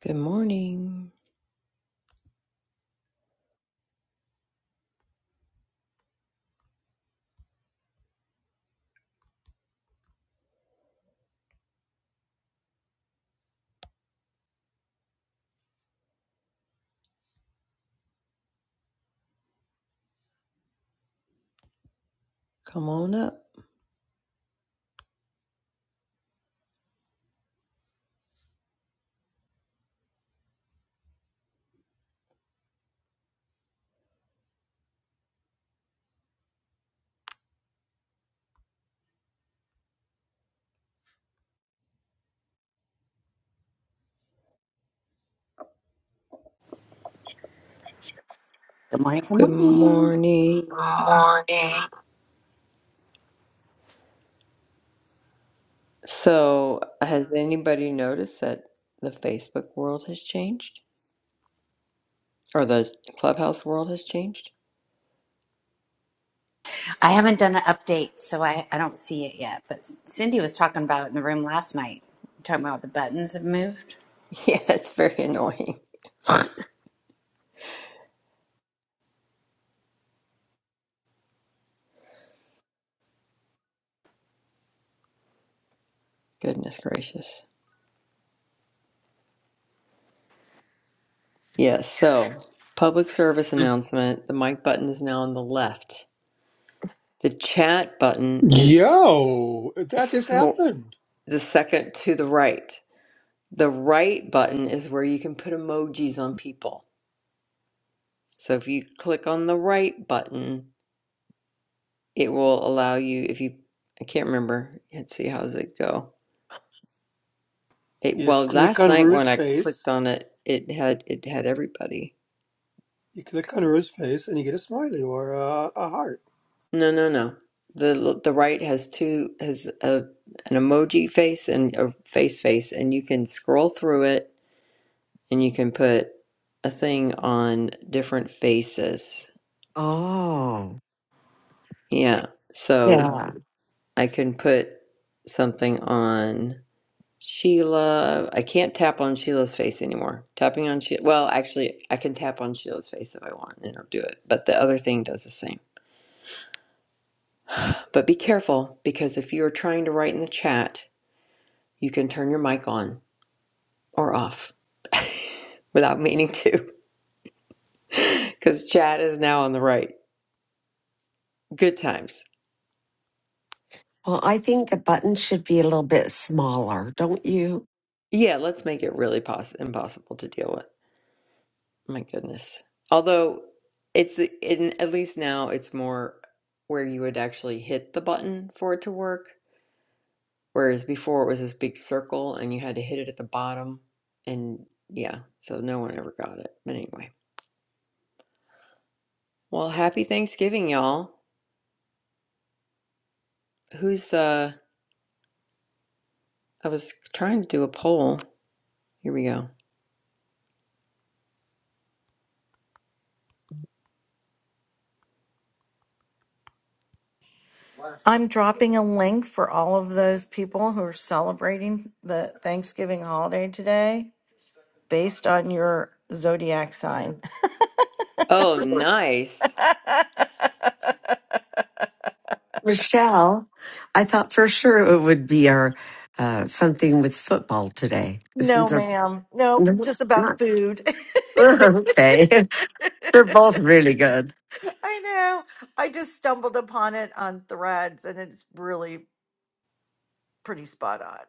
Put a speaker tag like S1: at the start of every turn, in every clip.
S1: Good morning. Come on up.
S2: Good morning. Good
S1: Good
S2: morning.
S1: morning.
S3: morning.
S1: So, has anybody noticed that the Facebook world has changed? Or the Clubhouse world has changed?
S2: I haven't done an update, so I, I don't see it yet. But Cindy was talking about it in the room last night, talking about the buttons have moved.
S1: Yeah, it's very annoying. Goodness gracious. Yes, so public service announcement. The mic button is now on the left. The chat button is
S4: Yo, that just
S1: so,
S4: happened.
S1: the second to the right. The right button is where you can put emojis on people. So if you click on the right button, it will allow you, if you, I can't remember, let's see, how does it go? It,
S4: You just
S1: well,
S4: click
S1: last
S4: on
S1: night
S4: Rue's
S1: when I clicked
S4: face.
S1: on it, it had, it had everybody.
S4: You click on Rue's face and you get a smiley or a, a heart.
S1: No, no, no. The, the right has two, has a, an emoji face and a face face, and you can scroll through it and you can put a thing on different faces.
S3: Oh,
S1: Yeah. So
S3: Yeah.
S1: I can put something on. Sheila, I can't tap on Sheila's face anymore. Tapping on Sheila, well, actually, I can tap on Sheila's face if I want and it'll do it, but the other thing does the same. But be careful because if you're trying to write in the chat, you can turn your mic on or off without meaning to because chat is now on the right. Good times.
S3: well, I think the button should be a little bit smaller, don't you?
S1: Yeah, let's make it really poss- impossible to deal with. My goodness. Although it's in, at least now it's more where you would actually hit the button for it to work Whereas before it was this big circle and you had to hit it at the bottom. And yeah, so no one ever got it. But anyway. Well, happy Thanksgiving, y'all. Who's uh I was trying to do a poll. Here we go.
S5: I'm dropping a link for all of those people who are celebrating the Thanksgiving holiday today based on your zodiac sign.
S1: Oh, nice.
S3: Michelle, I thought for sure it would be our uh, something with football today.
S5: no,
S3: Isn't there?
S5: ma'am. Nope.
S3: No,
S5: Just about
S3: not.
S5: food.
S3: okay. They're both really good.
S5: I know. I just stumbled upon it on threads and it's really pretty spot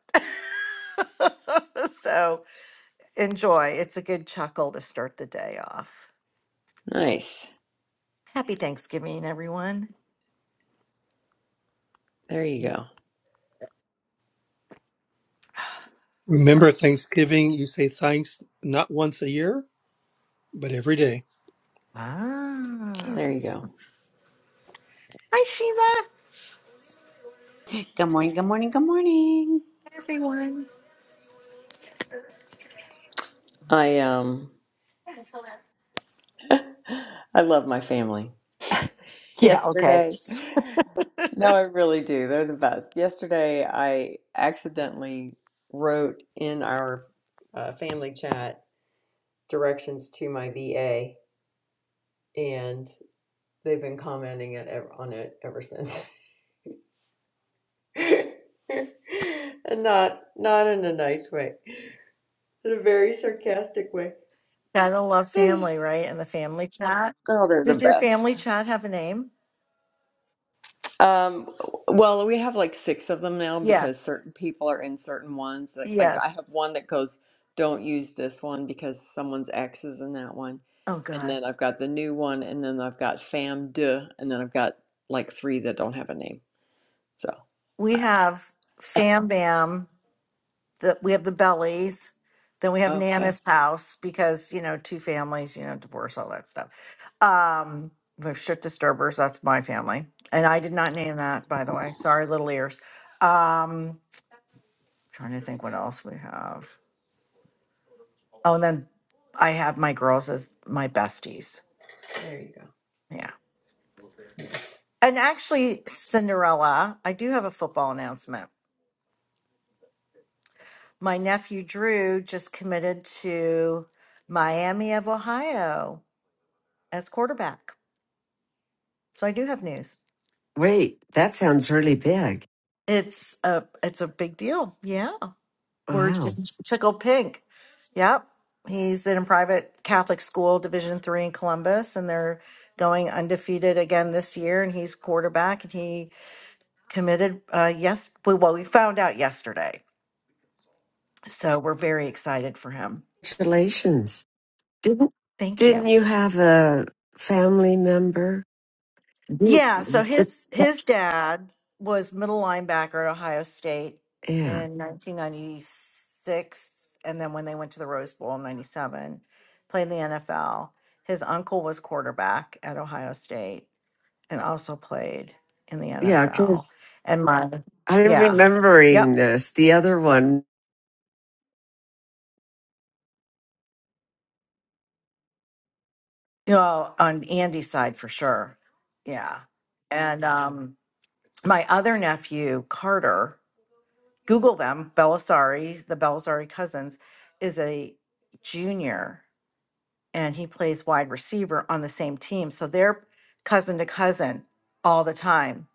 S5: on. so enjoy. It's a good chuckle to start the day off.
S1: Nice.
S5: Happy Thanksgiving, everyone.
S1: There you go. I
S4: Remember
S1: was-
S4: Thanksgiving, you say thanks not once a year, but every day.
S5: Ah.
S1: There you go.
S5: Hi, Sheila.
S2: Good morning. Good morning. Good morning.
S5: Hi, everyone.
S1: I um I love my family.
S5: Yeah, okay.
S1: Yesterday. No, I really do. They're the best. Yesterday I accidentally wrote in our uh, family chat directions to my VA, and they've been commenting it ev- on it ever since, and not not in a nice way, in a very sarcastic way.
S5: Gotta love family, right? And the family chat.
S1: Oh, they're the
S5: Does your family
S1: best.
S5: chat have a name?
S1: Um, well, we have like six of them now because
S5: Yes.
S1: certain people are in certain ones. Like, like I have
S5: Yes.
S1: one that goes, "Don't use this one because someone's ex is in that one,"
S5: Oh,
S1: and
S5: God.
S1: then I've got the new one, and then I've got fam de, and then I've got like three that don't have a name. So,
S5: We
S1: I-
S5: have Fam Bam, the, we have the Bellies. Then we have
S1: okay.
S5: Nana's house because, you know, two families, you know, divorce, all that stuff. Um, we have Shit Disturbers. That's my family. And I did not name that, by the way. Sorry, little ears. Um, Trying to think what else we have. Oh, and then I have my girls as my besties.
S1: There you
S5: Yeah.
S1: go.
S5: And actually, Cinderella, I do have a football announcement. My nephew Drew just committed to Miami of Ohio as quarterback. So I do have news.
S3: Wait, that sounds really big.
S5: It's a it's a big deal. Yeah. We're
S3: Wow.
S5: just tickle pink. Yep. He's in a private Catholic school, Division three in Columbus, and they're going undefeated again this year. And he's quarterback, and he committed. Uh, yes, well, well, we found out yesterday, so we're very excited for him.
S3: Congratulations. Didn't
S5: Thank you.
S3: didn't you have a family member?
S5: Yeah, so
S3: Didn't-
S5: his his dad was middle linebacker at Ohio State
S3: Yeah.
S5: in 1996 and then when they went to the Rose Bowl in 97, played in the NFL. His uncle was quarterback at Ohio State and also played in the
S3: Yeah.
S5: NFL.
S3: Because
S5: And my
S3: I'm
S5: yeah. Yep.
S3: remembering this, the other one,
S5: You know, on Andy's side for sure. Yeah. And um my other nephew, Carter, Google them. Belisari, the Belisari cousins, is a junior and he plays wide receiver on the same team. So they're cousin to cousin all the time.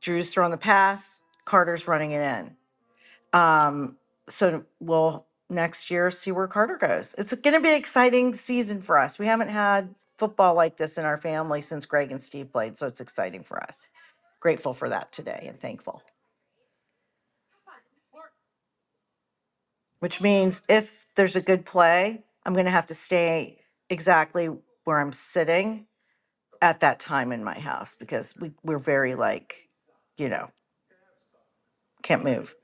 S5: Drew's throwing the pass, Carter's running it in. Um, so we'll next year see where Carter goes. It's going to be an exciting season for us. We haven't had football like this in our family since Greg and Steve played. So it's exciting for us. Grateful for that today and thankful. which means if there's a good play, I'm going to have to stay exactly where I'm sitting at that time in my house because we, we're very like, you know, can't move.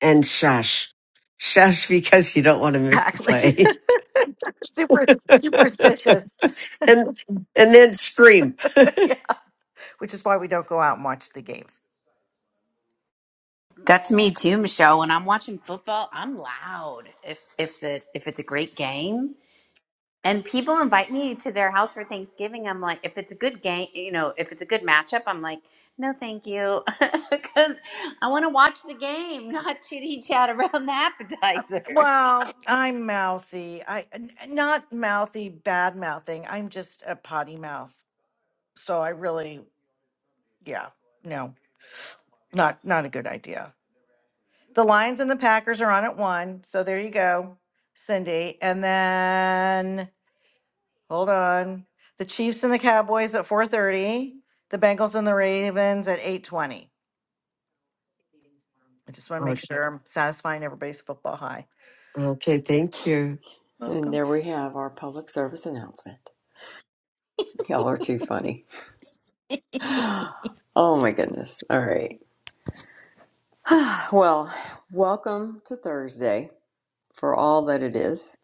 S3: and shush. Shush because you don't want to miss the
S5: Exactly.
S3: play.
S5: Super superstitious.
S3: and and then scream.
S5: yeah. Which is why we don't go out and watch the games.
S2: That's me too, Michelle. When I'm watching football, I'm loud. If if the if it's a great game, and people invite me to their house for Thanksgiving, I'm like, if it's a good game, you know, if it's a good matchup, I'm like, no, thank you, because I want to watch the game, not chitty chat around the appetizers.
S5: Well, I'm mouthy. I n- not mouthy, bad mouthing. I'm just a potty mouth. So I really, yeah, no, not not a good idea. The Lions and the Packers are on at one. So there you go, Cindy. And then hold on. The Chiefs and the Cowboys at 4:30. The Bengals and the Ravens at 8:20. I just want to make sure I'm satisfying everybody's football high.
S3: Okay, thank you.
S1: And
S5: Welcome.
S1: there we have our public service announcement. Y'all are too funny. Oh my goodness. All right. Well, welcome to Thursday for all that it is.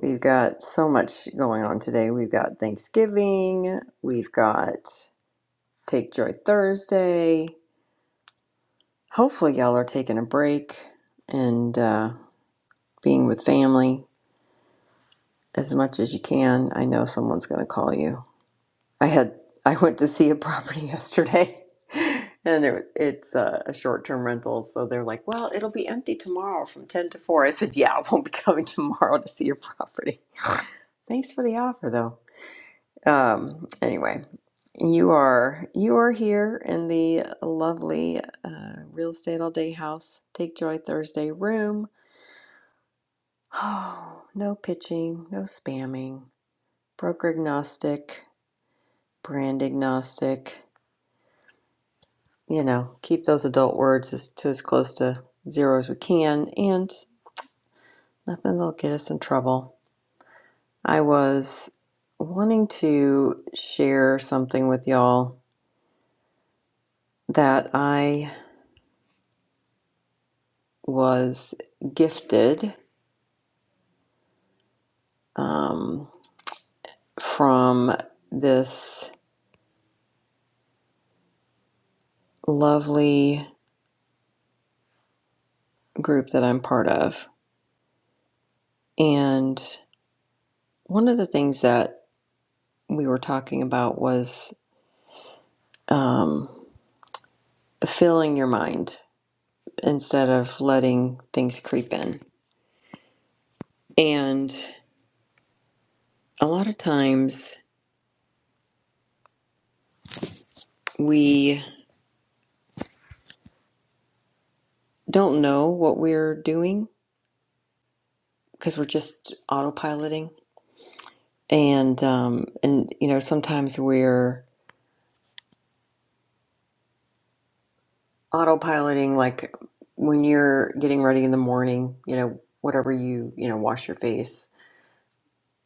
S1: We've got so much going on today. We've got Thanksgiving, we've got Take Joy Thursday. Hopefully, y'all are taking a break and uh, being with family as much as you can. I know someone's going to call you I had I went to see a property yesterday, and it, it's a, a short-term rental. So they're like, "Well, it'll be empty tomorrow from ten to 4." I said, "Yeah, I won't be coming tomorrow to see your property." Thanks for the offer, though. Um, anyway, you are you are here in the lovely uh, real estate all day house. Take joy Thursday room. Oh, no pitching, no spamming. Broker agnostic, brand agnostic. you know, keep those adult words as, to as close to zero as we can, and nothing that'll get us in trouble. I was wanting to share something with y'all that I was gifted um, from this lovely group that I'm part of. And one of the things that we were talking about was um, filling your mind instead of letting things creep in. And a lot of times we don't know what we're doing because we're just autopiloting. And um, and you know sometimes we're autopiloting like when you're getting ready in the morning, you know whatever you you know wash your face,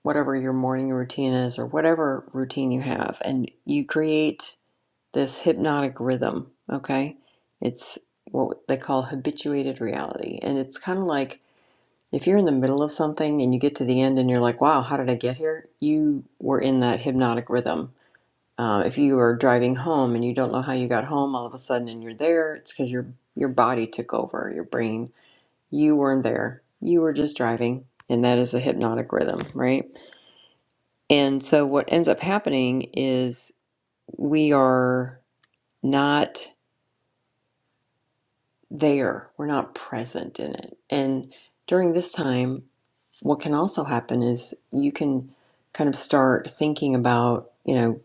S1: whatever your morning routine is, or whatever routine you have, and you create this hypnotic rhythm, okay? It's what they call habituated reality. And it's kind of like if you're in the middle of something and you get to the end and you're like, wow, how did I get here? You were in that hypnotic rhythm. Uh, if you are driving home and you don't know how you got home all of a sudden and you're there, it's because your, your body took over, your brain. You weren't there. You were just driving. And that is a hypnotic rhythm, right? And so what ends up happening is we are not. there. We're not present in it. And during this time, what can also happen is you can kind of start thinking about, you know,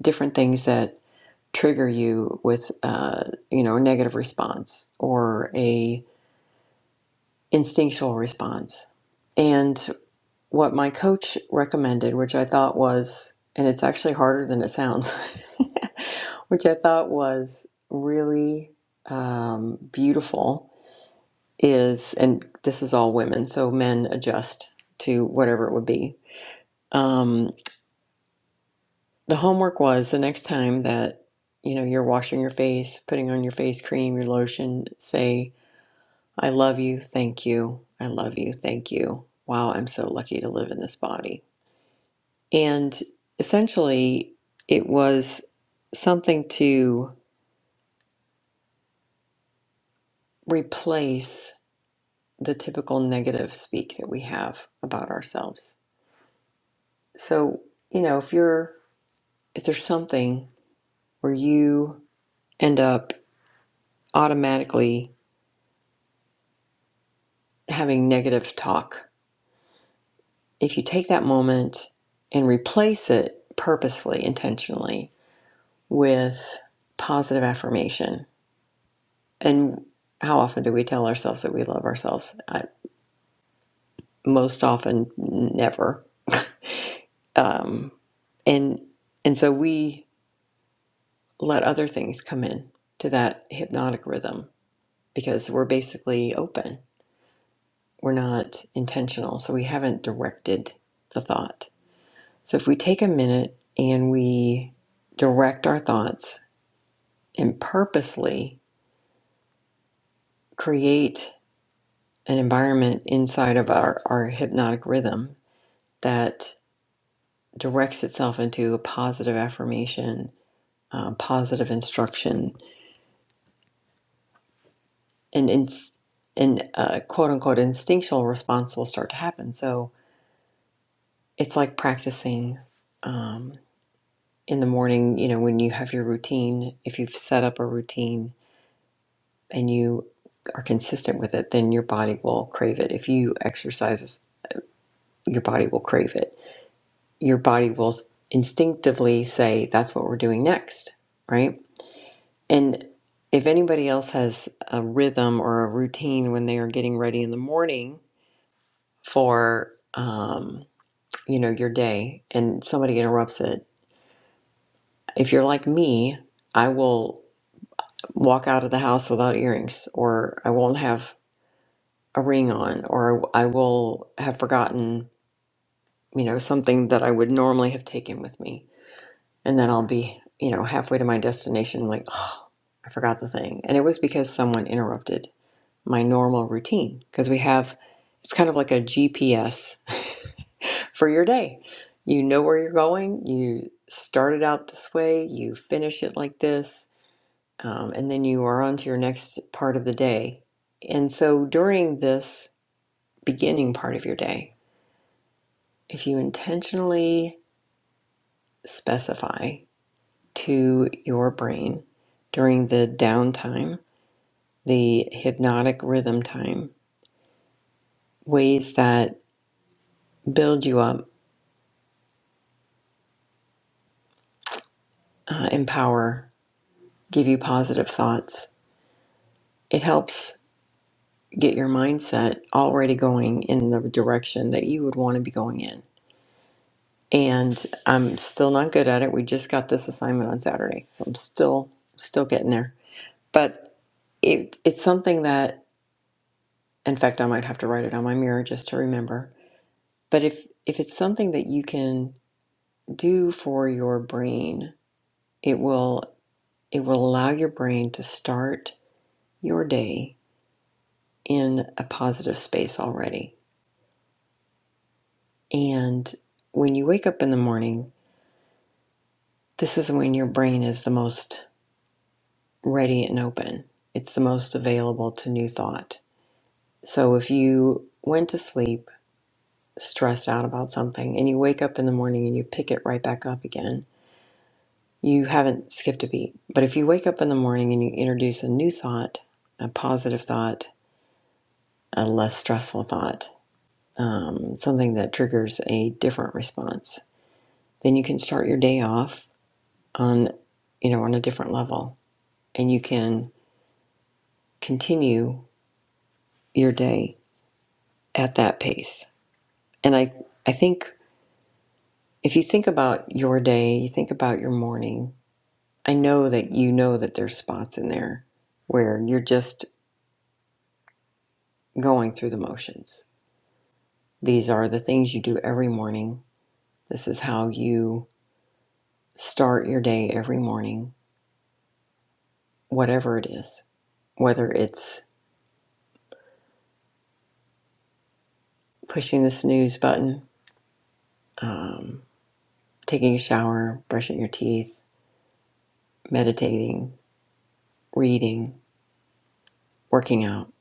S1: different things that trigger you with, uh, you know, a negative response or a instinctual response. And what my coach recommended, which I thought was, and it's actually harder than it sounds, which I thought was really um, beautiful is, and this is all women, so men adjust to whatever it would be. Um, the homework was the next time that you know you're washing your face, putting on your face cream, your lotion, say, "I love you, thank you, I love you, thank you." Wow, I'm so lucky to live in this body. And essentially, it was something to replace the typical negative speak that we have about ourselves. So, you know, if you're If there's something where you end up automatically having negative talk, if you take that moment and replace it purposely, intentionally with positive affirmation, and how often do we tell ourselves that we love ourselves? I, most often, never. Um, and and so we let other things come in to that hypnotic rhythm because we're basically open We're not intentional, so we haven't directed the thought. So if we take a minute and we direct our thoughts and purposely create an environment inside of our, our hypnotic rhythm that directs itself into a positive affirmation, uh, positive instruction, and ins- and uh, quote unquote instinctual response will start to happen. So it's like practicing. um, in the morning, you know, when you have your routine, if you've set up a routine and you are consistent with it, then your body will crave it. If you exercise, your body will crave it. Your body will instinctively say, that's what we're doing next, right? And if anybody else has a rhythm or a routine when they are getting ready in the morning for, um, you know, your day and somebody interrupts it, if you're like me, I will. walk out of the house without earrings or I won't have a ring on or I will have forgotten, you know, something that I would normally have taken with me. And then I'll be, you know, halfway to my destination like, oh, I forgot the thing. And it was because someone interrupted my normal routine because we have it's kind of like a GPS for your day. You know where you're going, you started out this way, you finish it like this um, and then you are on to your next part of the day. And so during this beginning part of your day, if you intentionally specify to your brain during the downtime, the hypnotic rhythm time, ways that build you up, uh, empower, give you positive thoughts, it helps get your mindset already going in the direction that you would want to be going in and I'm still not good at it. We just got this assignment on Saturday, so I'm still still getting there. But it it's something that, in fact, I might have to write it on my mirror just to remember. But if if it's something that you can do for your brain, it will it will allow your brain to start your day in a positive space already. And when you wake up in the morning, this is when your brain is the most ready and open. It's the most available to new thought. So if you went to sleep stressed out about something and you wake up in the morning and you pick it right back up again, you haven't skipped a beat. But if you wake up in the morning and you introduce a new thought, a positive thought, a less stressful thought, um, something that triggers a different response, then you can start your day off on, you know, on a different level, and you can continue your day at that pace And I, I think if you think about your day, you think about your morning, I know that you know that there's spots in there where you're just going through the motions. These are the things you do every morning. This is how you start your day every morning, whatever it is, whether it's pushing the snooze button, um, taking a shower, brushing your teeth, meditating, reading, working out.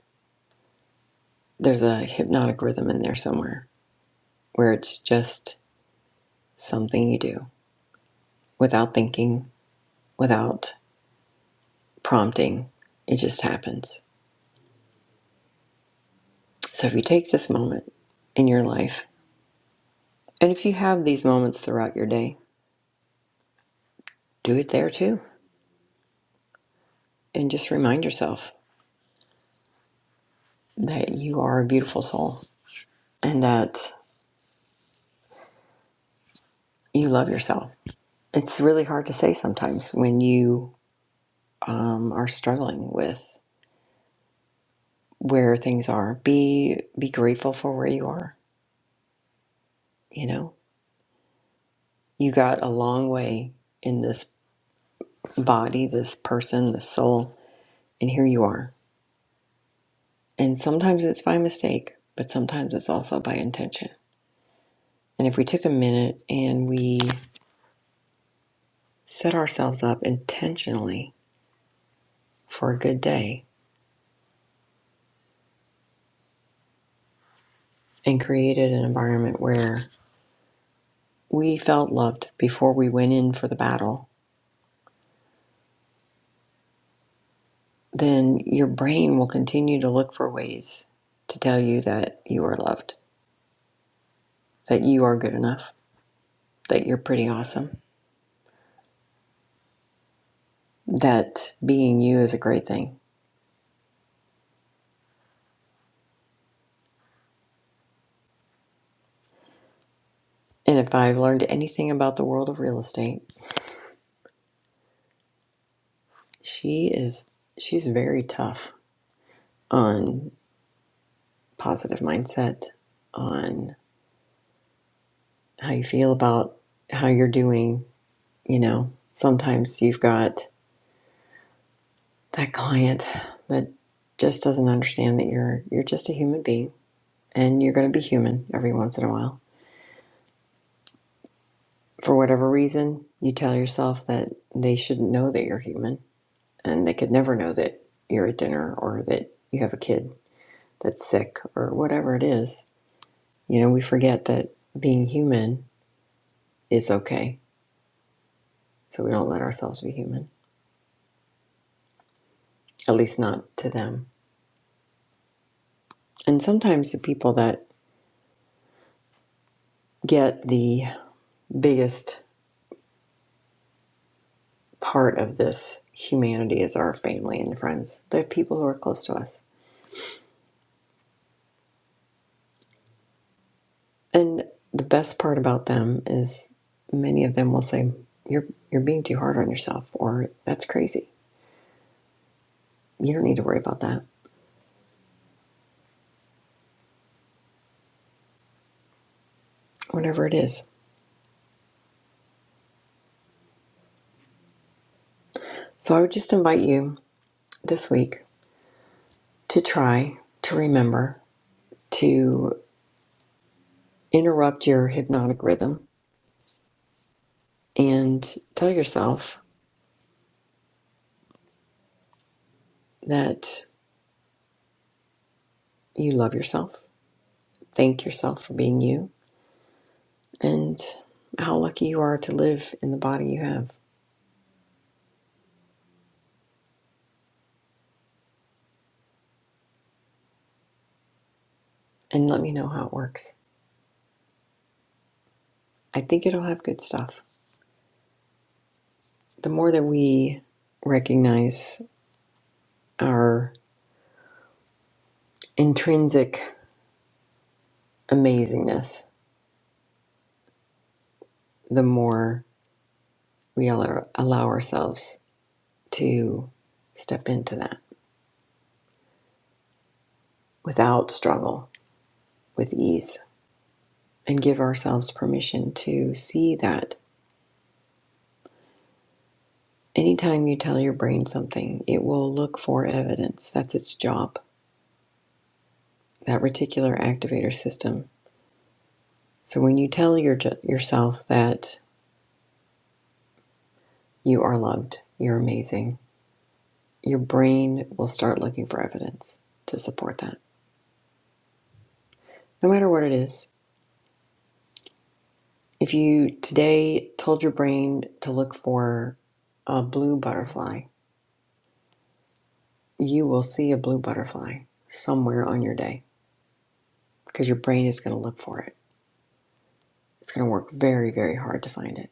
S1: There's a hypnotic rhythm in there somewhere where it's just Something you do without thinking, without prompting. It just happens. So if you take this moment in your life, and if you have these moments throughout your day, do it there too. And just remind yourself that you are a beautiful soul and that you love yourself. It's really hard to say sometimes when you um, are struggling with where things are. Be be grateful for where you are. You know, you got a long way in this body, this person, this soul, and here you are. And sometimes it's by mistake, but sometimes it's also by intention. And if we took a minute and we set ourselves up intentionally for a good day and created an environment where we felt loved before we went in for the battle, then your brain will continue to look for ways to tell you that you are loved, that you are good enough, that you're pretty awesome, that being you is a great thing And if I've learned anything about the world of real estate, she is she's very tough on positive mindset, on how you feel about how you're doing, you know. Sometimes you've got that client that just doesn't understand that you're you're just a human being and you're going to be human every once in a while. For whatever reason, you tell yourself that they shouldn't know that you're human and they could never know that you're at dinner or that you have a kid that's sick or whatever it is. You know, we forget that being human is okay. So we don't let ourselves be human, at least not to them. And sometimes the people that get the biggest part of this humanity is our family and friends, the people who are close to us. And the best part about them is many of them will say, you're, you're being too hard on yourself, or that's crazy. You don't need to worry about that, whatever it is. So I would just invite you this week to try to remember to interrupt your hypnotic rhythm and tell yourself that you love yourself, thank yourself for being you, and how lucky you are to live in the body you have. And let me know how it works. I think it'll have good stuff. The more that we recognize our intrinsic amazingness, the more we allow ourselves to step into that without struggle with ease and give ourselves permission to see that anytime you tell your brain something, it will look for evidence. That's its job, that reticular activator system. So when you tell your, yourself that you are loved, you're amazing, your brain will start looking for evidence to support that, no matter what it is. If you today told your brain to look for a blue butterfly, you will see a blue butterfly somewhere on your day because your brain is going to look for it. It's going to work very, very hard to find it.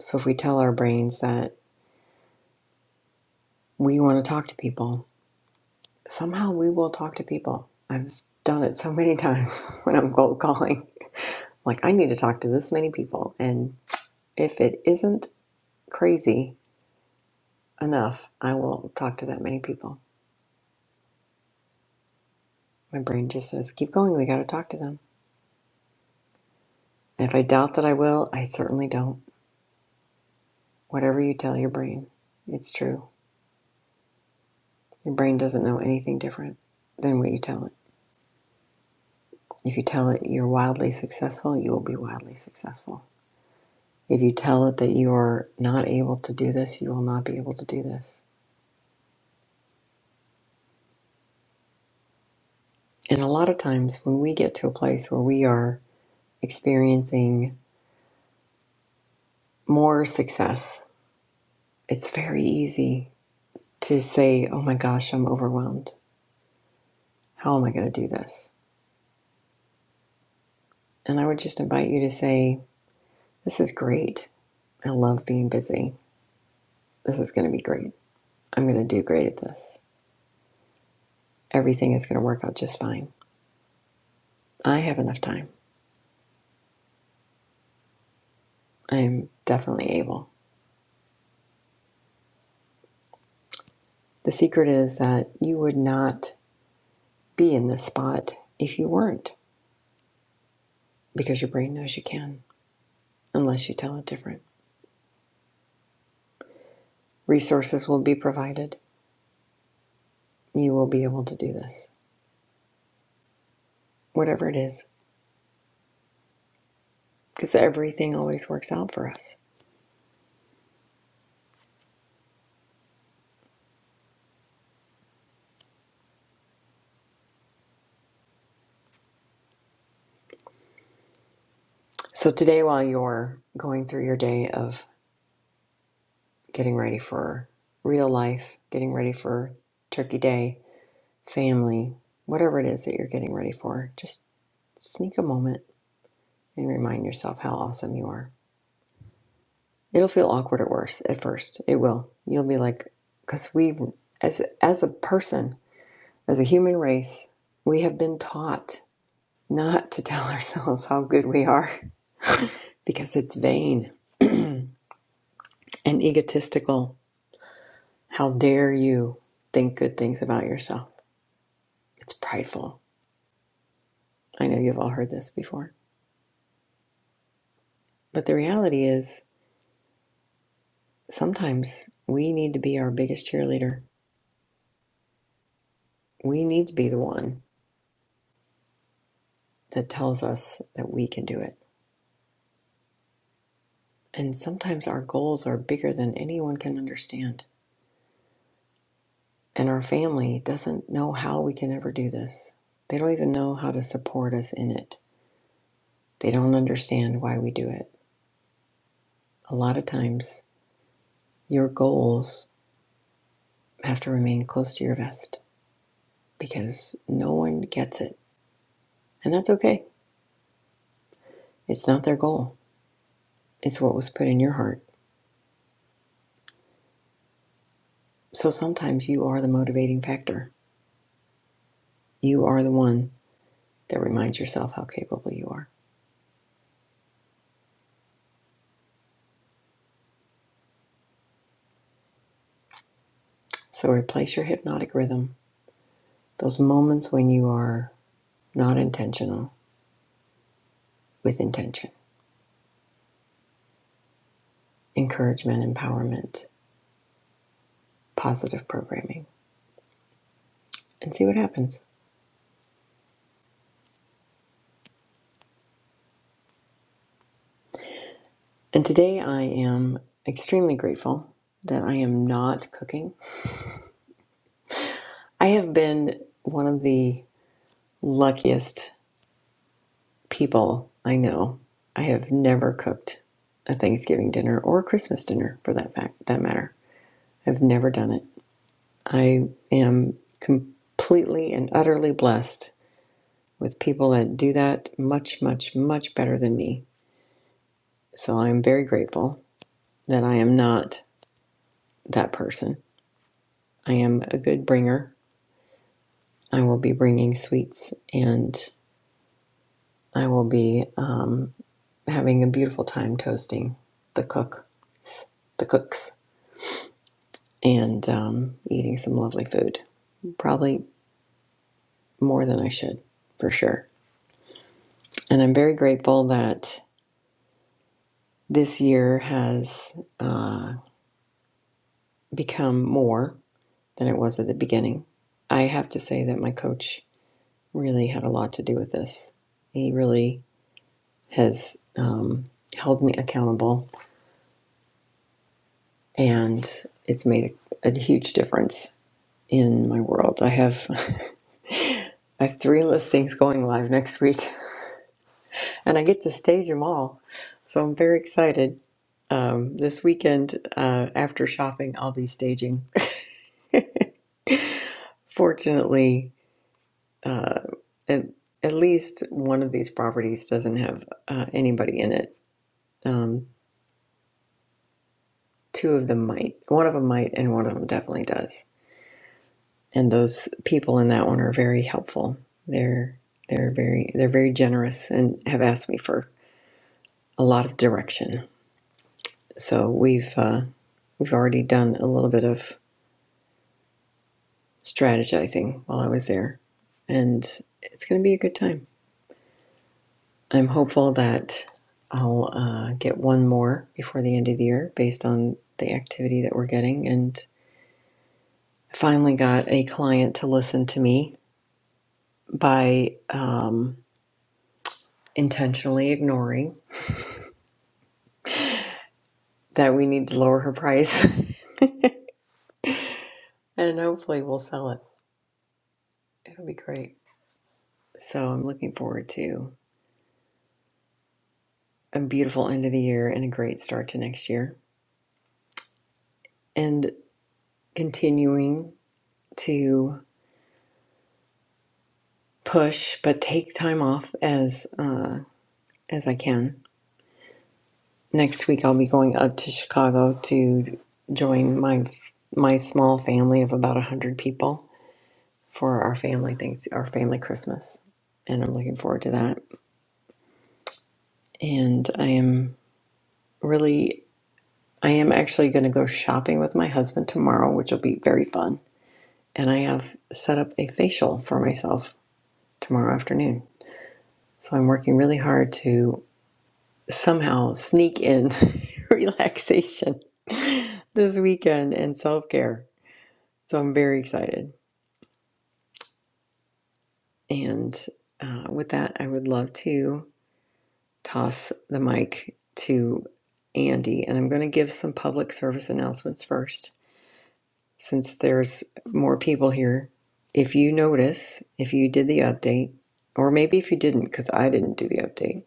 S1: So if we tell our brains that we want to talk to people, somehow we will talk to people. I've done it so many times when I'm cold calling. Like, I need to talk to this many people. And if it isn't crazy enough, I will talk to that many people. My brain just says, keep going, we got to talk to them. And if I doubt that I will, I certainly don't. Whatever you tell your brain, it's true. Your brain doesn't know anything different than what you tell it. If you tell it you're wildly successful, you will be wildly successful. If you tell it that you're not able to do this, you will not be able to do this. And a lot of times when we get to a place where we are experiencing more success, it's very easy to say, Oh my gosh, I'm overwhelmed. How am I going to do this? And I would just invite you to say, This is great. I love being busy. This is going to be great. I'm going to do great at this. Everything is going to work out just fine. I have enough time. I'm definitely able. The secret is that you would not be in this spot if you weren't, because your brain knows you can, unless you tell it different. Resources will be provided. You will be able to do this, whatever it is, because everything always works out for us. So, today, while you're going through your day of getting ready for real life, getting ready for Turkey Day, family, whatever it is that you're getting ready for, just sneak a moment and remind yourself how awesome you are. It'll feel awkward at worst at first. It will. You'll be like, because we, as as a person, as a human race, we have been taught not to tell ourselves how good we are because it's vain and egotistical. How dare you think good things about yourself? It's prideful. I know you've all heard this before, but the reality is sometimes we need to be our biggest cheerleader. We need to be the one that tells us that we can do it. And sometimes our goals are bigger than anyone can understand. And our family doesn't know how we can ever do this. They don't even know how to support us in it. They don't understand why we do it. A lot of times, your goals have to remain close to your vest because no one gets it. And that's okay. It's not their goal, it's what was put in your heart. So sometimes you are the motivating factor. You are the one that reminds yourself how capable you are. So replace your hypnotic rhythm, those moments when you are not intentional, with intention, encouragement, empowerment, positive programming, and see what happens. And today I am extremely grateful that I am not cooking. I have been one of the luckiest people I know. I have never cooked a Thanksgiving dinner or a Christmas dinner for that fact that matter. I've never done it. I am completely and utterly blessed with people that do that much, much, much better than me. So I'm very grateful that I am not that person. I am a good bringer. I will be bringing sweets and I will be um, having a beautiful time toasting the cooks, the cooks, and um, eating some lovely food. Probably more than I should, for sure. And I'm very grateful that this year has uh, become more. than it was at the beginning. I have to say that my coach really had a lot to do with this. He really has um, held me accountable, and it's made a, a huge difference in my world. I have I have three listings going live next week, and I get to stage them all, so I'm very excited. Um, this weekend, uh, after shopping, I'll be staging. Fortunately, uh, at, at least one of these properties doesn't have uh, anybody in it Um, two of them might, one of them might, and one of them definitely does. And those people in that one are very helpful. They're they're very they're very generous and have asked me for a lot of direction. So we've uh, we've already done a little bit of strategizing while I was there, and it's going to be a good time. I'm hopeful that I'll uh, get one more before the end of the year based on the activity that we're getting. And finally got a client to listen to me by um, intentionally ignoring that we need to lower her price and hopefully we'll sell it. It'll be great. So I'm looking forward to a beautiful end of the year and a great start to next year and continuing to push but take time off as uh, as I can. Next week I'll be going up to Chicago to join my my small family of about 100 people for our family things, our family Christmas, and I'm looking forward to that. And I am really, I am actually going to go shopping with my husband tomorrow, which will be very fun. And I have set up a facial for myself tomorrow afternoon, so I'm working really hard to somehow sneak in relaxation this weekend and self care. So I'm very excited. And uh, with that, I would love to. toss the mic to Andy. And I'm going to give some public service announcements first, since there's more people here. If you notice, if you did the update, or maybe if you didn't, because I didn't do the update,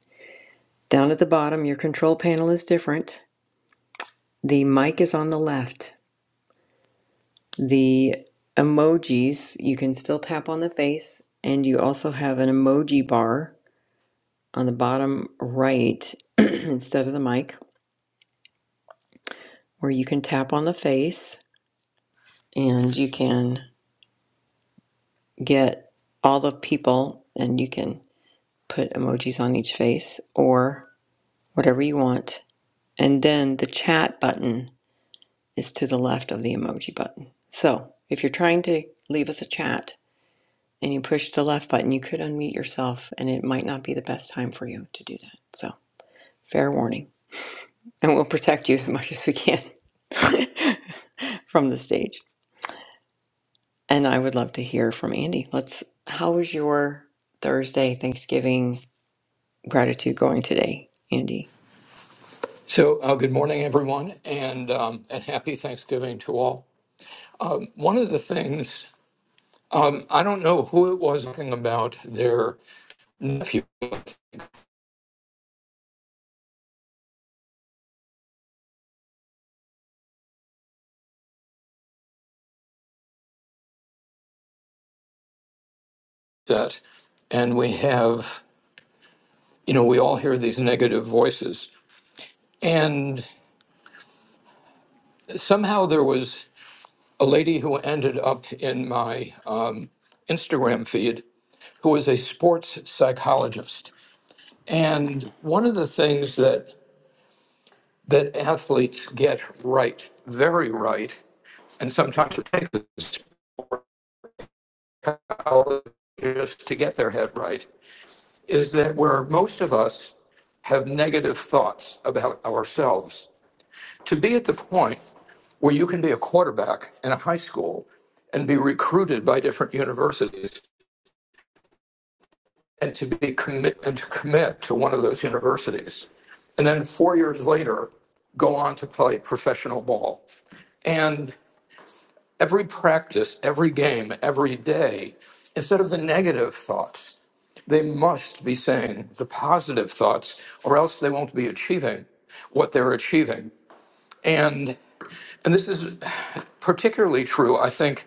S1: down at the bottom, your control panel is different. The mic is on the left. The emojis, you can still tap on the face, and you also have an emoji bar on the bottom right instead of the mic where you can tap on the face and you can get all the people and you can put emojis on each face or whatever you want. And then the chat button is to the left of the emoji button. So if you're trying to leave us a chat and you push the left button, you could unmute yourself and it might not be the best time for you to do that. So fair warning. And we'll protect you as much as we can from the stage. And I would love to hear from Andy. Let's how was your Thursday, Thanksgiving? gratitude going today, Andy.
S6: So, uh, good morning, everyone, and um, and happy Thanksgiving to all. Um, one of the things um, I don't know who it was talking about their nephew set, and we have you know we all hear these negative voices, and somehow there was a lady who ended up in my um, Instagram feed who was a sports psychologist, and one of the things that that athletes get right, very right, and sometimes it takes us just to get their head right, is that where most of us have negative thoughts about ourselves, to be at the point where you can be a quarterback in a high school and be recruited by different universities and to be commit and to commit to one of those universities. And then four years later, go on to play professional ball. And every practice, every game, every day, instead of the negative thoughts, they must be saying the positive thoughts, or else they won't be achieving what they're achieving. And and this is particularly true, I think.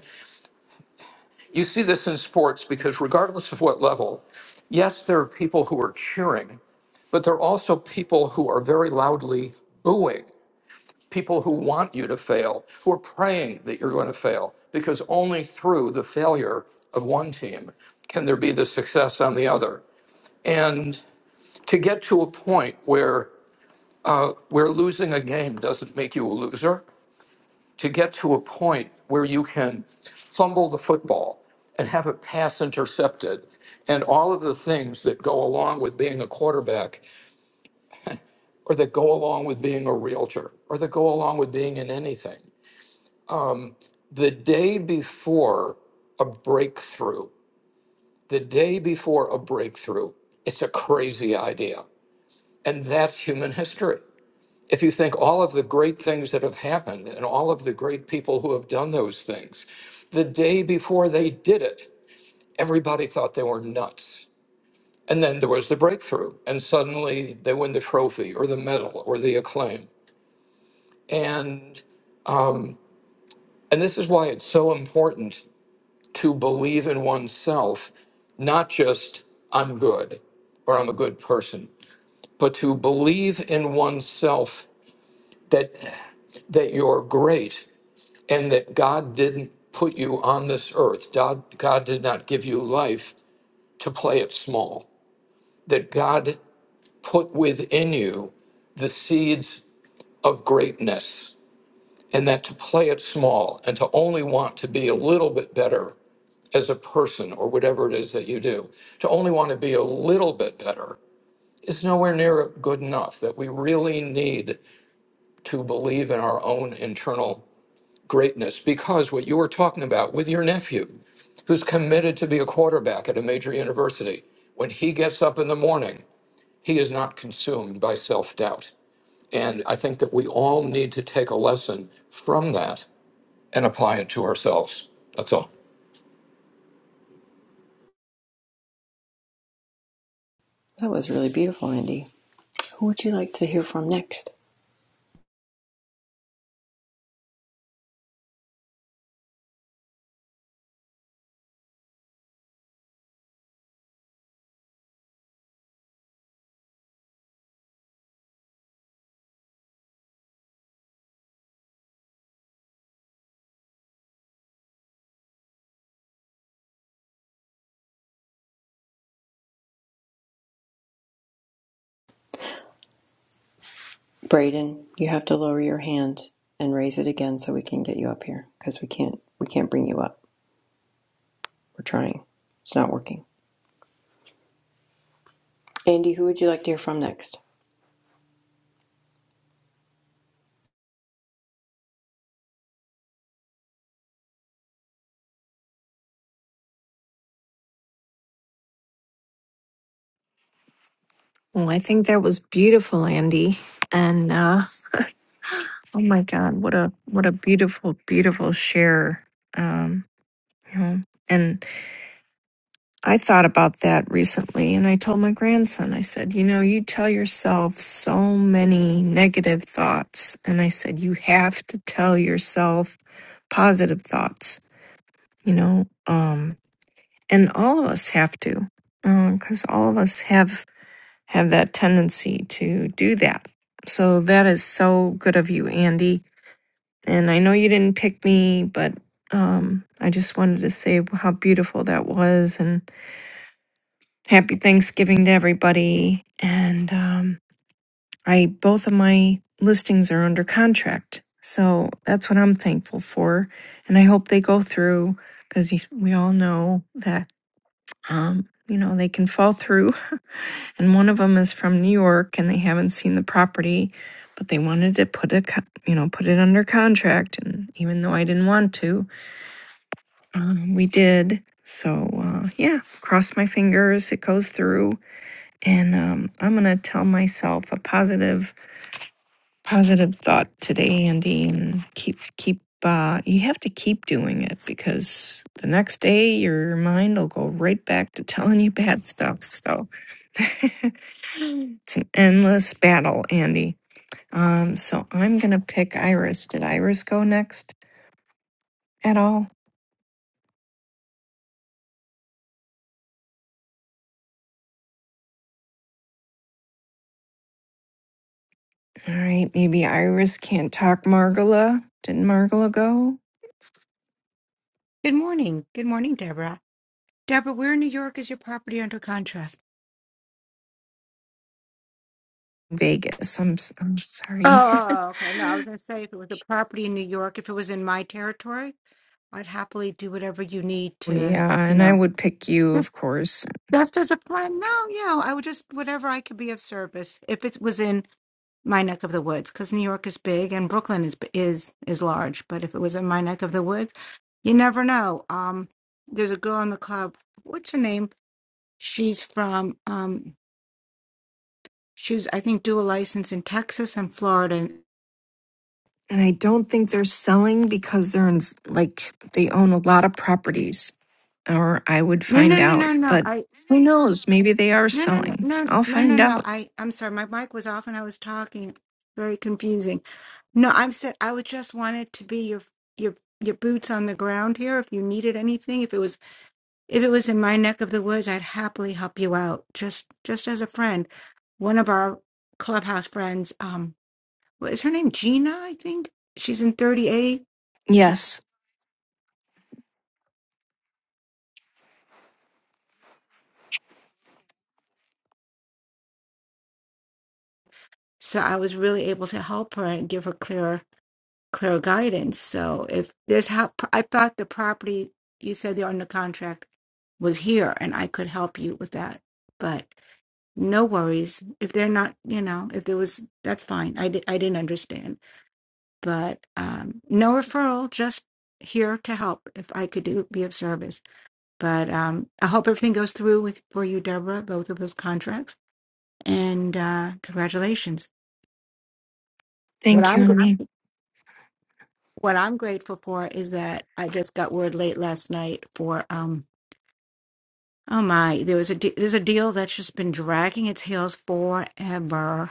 S6: You see this in sports because regardless of what level, yes, there are people who are cheering, but there are also people who are very loudly booing people who want you to fail, who are praying that you're going to fail, because only through the failure of one team can there be the success on the other. And to get to a point where where losing a game doesn't make you a loser, to get to a point where you can fumble the football and have a pass intercepted and all of the things that go along with being a quarterback or that go along with being a realtor or that go along with being in anything the day before a breakthrough, the day before a breakthrough, it's a crazy idea. And that's human history. If you think all of the great things that have happened and all of the great people who have done those things, the day before they did it, everybody thought they were nuts. And then there was the breakthrough, and suddenly they win the trophy or the medal or the acclaim. And and this is why it's so important. to believe in oneself, not just I'm good or I'm a good person, but to believe in oneself that that you're great and that God didn't put you on this earth. God, God did not give you life to play it small. That God put within you the seeds of greatness and that to play it small and to only want to be a little bit better as a person or whatever it is that you do, to only want to be a little bit better is nowhere near good enough. That we really need to believe in our own internal greatness because what you were talking about with your nephew, who's committed to be a quarterback at a major university, when he gets up in the morning, he is not consumed by self doubt. And I think that we all need to take a lesson from that and apply it to ourselves. That's all.
S1: That was really beautiful, Andy. Who would you like to hear from next? Braden, you have to lower your hand and raise it again so we can get you up here because we can't we can't bring you up. We're trying. It's not working. Andy, who would you like to hear from next?
S7: Well, I think that was beautiful, Andy. And uh, oh my God, what a what a beautiful, beautiful share. Um, you know, and I thought about that recently, and I told my grandson, I said, you know, you tell yourself so many negative thoughts, and I said you have to tell yourself positive thoughts. You know, um, and all of us have to, because all of us have have that tendency to do that. So that is so good of you, Andy. And I know you didn't pick me, but um, I just wanted to say how beautiful that was and happy Thanksgiving to everybody. And um, I both of my listings are under contract. So that's what I'm thankful for. And I hope they go through because we all know that, um, you know, they can fall through and one of them is from New York and they haven't seen the property but they wanted to put a you know put it under contract and even though I didn't want to um, we did so uh, yeah cross my fingers it goes through and um, I'm gonna tell myself a positive positive thought today Andy and keep keep uh, you have to keep doing it because the next day your mind will go right back to telling you bad stuff so It's an endless battle, Andy. Um, so I'm gonna pick Iris. Did Iris go next at all? All right, maybe Iris can't talk Margola. Didn't Margola go?
S8: Good morning. Good morning, Deborah. Deborah, where in New York is your property under contract?
S7: Vegas. I'm s- I'm sorry.
S8: Oh, okay. No, I was going to say if it was a property in New York, if it was in my territory, I'd happily do whatever you need to,
S7: yeah,
S8: you
S7: and I
S8: know,
S7: would pick you, of
S8: just
S7: course.
S8: just as a plan. No, yeah, I would just whatever I could be of service if it was in my neck of the woods, because New York is big and Brooklyn is is is large. But if it was in my neck of the woods, you never know. Um, there's a girl in the club. What's her name? She's from um She was, I think, dual license in Texas and Florida.
S7: And I don't think they're selling because they're in like they own a lot of properties, or I would
S8: No, no,
S7: find
S8: no,
S7: out.
S8: no, no.
S7: But
S8: I
S7: who knows? Maybe they are
S8: no, no, no,
S7: selling.
S8: no,
S7: I'll
S8: no, no,
S7: find
S8: no.
S7: out.
S8: I I'm sorry, my mic was off and I was talking. Very confusing. No, I'm said I would just wanted to be your your your boots on the ground here. If you needed anything, if it was if it was in my neck of the woods, I'd happily help you out. Just just as a friend. One of our clubhouse friends, um, what is her name? Gina, I think. She's in 30A.
S7: Yes.
S8: So I was really able to help her and give her clearer guidance. So if there's how I thought the property you said they're under contract was here and I could help you with that. But no worries. If they're not, you know, if there was that's fine. I did I didn't understand. But um no referral, just here to help if I could do be of service. But um I hope everything goes through with for you, Deborah, both of those contracts. And uh congratulations.
S7: Thank you, Andy.
S8: what I'm grateful for is that I just got word late last night for um oh my there was a de- there's a deal that's just been dragging its heels forever.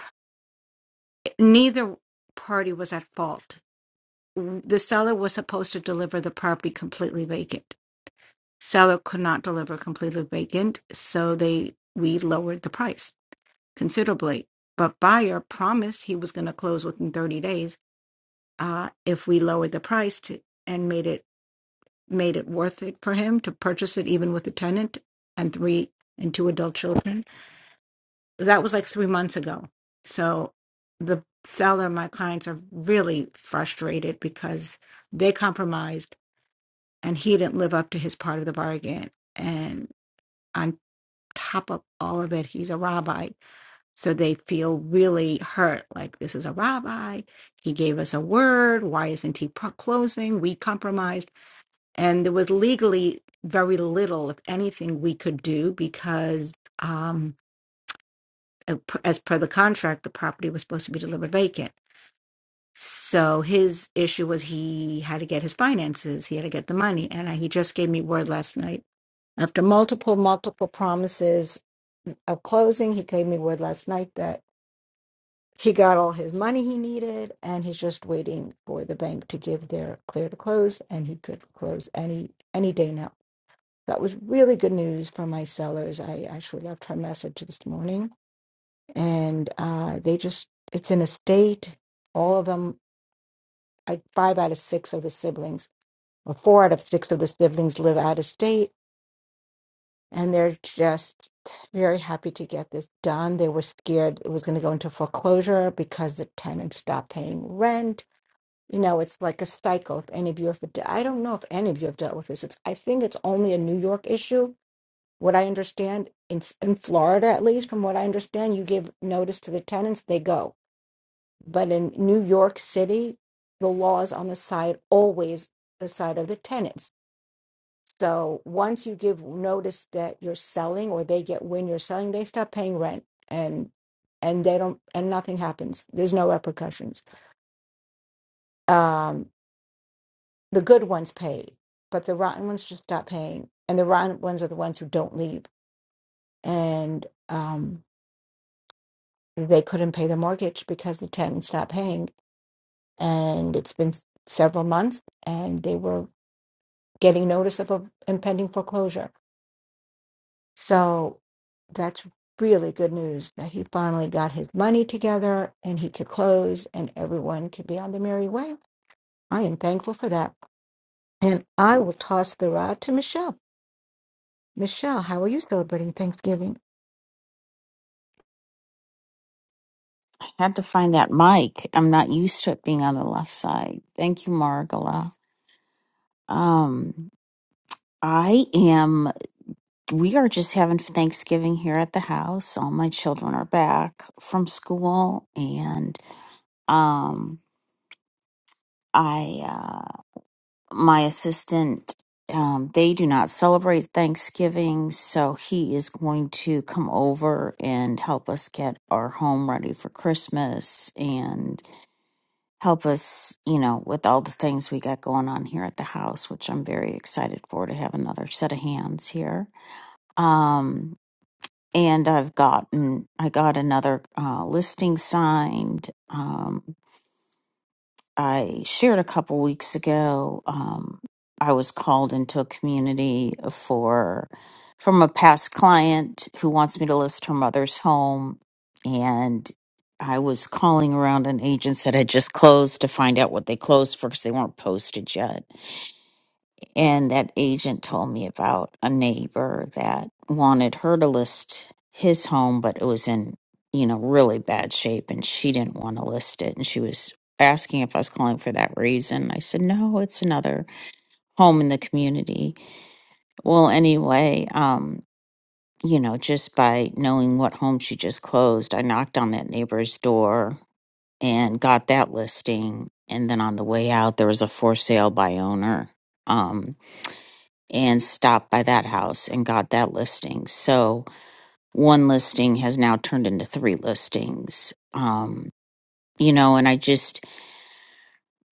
S8: Neither party was at fault. The seller was supposed to deliver the property completely vacant. Seller could not deliver completely vacant, so they we lowered the price considerably. But buyer promised he was going to close within 30 days uh, if we lowered the price to, and made it made it worth it for him to purchase it even with a tenant and three and two adult children that was like three months ago so the seller my clients are really frustrated because they compromised and he didn't live up to his part of the bargain and on top of all of it he's a rabbi so they feel really hurt like this is a rabbi he gave us a word why isn't he pro- closing we compromised and there was legally very little, if anything, we could do because, um, uh, p- as per the contract, the property was supposed to be delivered vacant. So his issue was he had to get his finances, he had to get the money, and I, he just gave me word last night after multiple, multiple promises of closing. He gave me word last night that he got all his money he needed, and he's just waiting for the bank to give their clear to close, and he could close any any day now. That was really good news for my sellers. I actually left her a message this morning, and uh, they just, it's an estate. All of them, like five out of six of the siblings, or four out of six of the siblings live out of state, and they're just very happy to get this done. They were scared it was going to go into foreclosure because the tenant stopped paying rent. You know, it's like a cycle. If any of you have, I don't know if any of you have dealt with this. It's, I think it's only a New York issue What I understand in s- in Florida, at least from what I understand, you give notice to the tenants, they go. But in New York City, the law is on the side always the side of the tenants. So once you give notice that you're selling, or they get when you're selling, they stop paying rent, and and they don't, and nothing happens. There's no repercussions. Um, the good ones pay, but the rotten ones just stop paying, and the rotten ones are the ones who don't leave. And um, they couldn't pay the mortgage because the tenant's not paying. And it's been s- several months and they were getting notice of a impending foreclosure. So that's really good news that he finally got his money together and he could close and everyone could be on the merry way. I am thankful for that. And I will toss the rod to Michelle. Michelle, how are you celebrating Thanksgiving?
S9: I had to find that mic. I'm not used to it being on the left side. Thank you, Margola. Um, I am, we are just having Thanksgiving here at the house. All my children are back from school and, um, I, uh, my assistant, um, they do not celebrate Thanksgiving, so he is going to come over and help us get our home ready for Christmas help us, you know, with all the things we got going on here at the house, which I'm very excited for to have another set of hands here. Um, and I've gotten, I got another uh, listing signed. Um, I shared a couple weeks ago. Um, I was called into a community for from a past client who wants me to list her mother's home, and I was calling around an agents that had just closed to find out what they closed for because they weren't posted yet and that agent told me about a neighbor that wanted her to list his home, but it was in, you know, really bad shape and she didn't want to list it. And she was asking if I was calling for that reason. I said, no, it's another home in the community. Well, anyway, um, you know, just by knowing what home she just closed, I knocked on that neighbor's door and got that listing. And then on the way out, there was a for sale by owner. Um, and stopped by that house and got that listing. So one listing has now turned into three listings. Um, you know, and I just,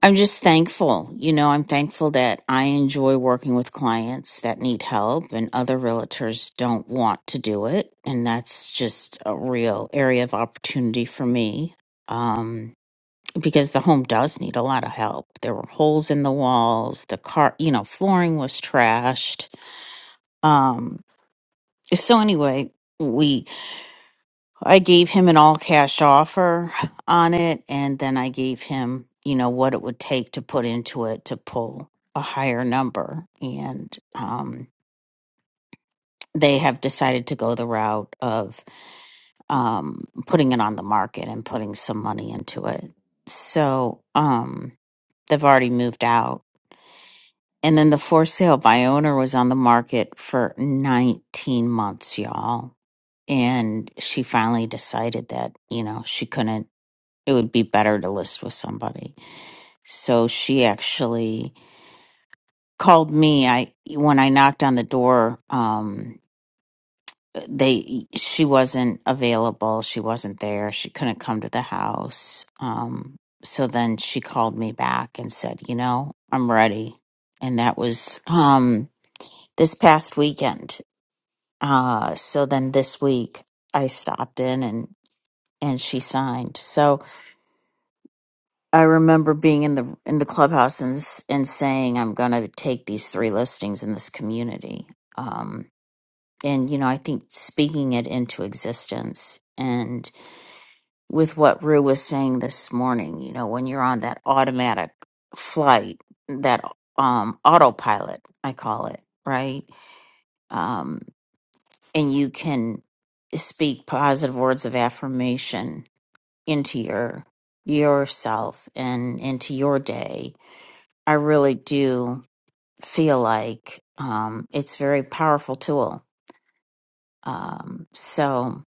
S9: I'm just thankful. You know, I'm thankful that I enjoy working with clients that need help and other realtors don't want to do it. And that's just a real area of opportunity for me. Um, because the home does need a lot of help. There were holes in the walls, the car, you know, flooring was trashed. Um, So anyway, we I gave him an all cash offer on it and then I gave him, you know, what it would take to put into it to pull a higher number and um they have decided to go the route of um putting it on the market and putting some money into it. So, um they've already moved out. And then the for sale by owner was on the market for 19 months, y'all and she finally decided that you know she couldn't it would be better to list with somebody so she actually called me i when i knocked on the door um they she wasn't available she wasn't there she couldn't come to the house um so then she called me back and said you know i'm ready and that was um this past weekend uh so then this week i stopped in and and she signed so I remember being in the in the clubhouse and s- and saying I'm going to take these three listings in this community. Um, and you know, I think speaking it into existence and with what Rue was saying this morning, you know, when you're on that automatic flight, that um autopilot, I call it, right? Um, and you can speak positive words of affirmation into your yourself and into your day I really do feel like um, it's a very powerful tool. Um, so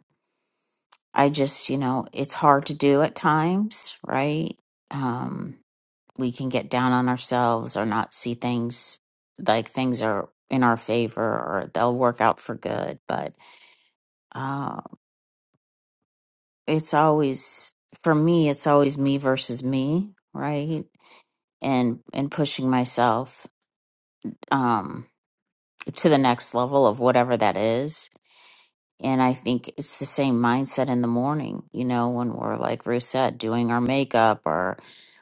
S9: I just, you know, it's hard to do at times, right? Um, we can get down on ourselves or not see things like things are in our favor or they'll work out for good. But uh, it's always, for me, it's always me versus me, right? And and pushing myself um, to the next level of whatever that is And I think it's the same mindset in the morning, you know, when we're like Ruth said, doing our makeup or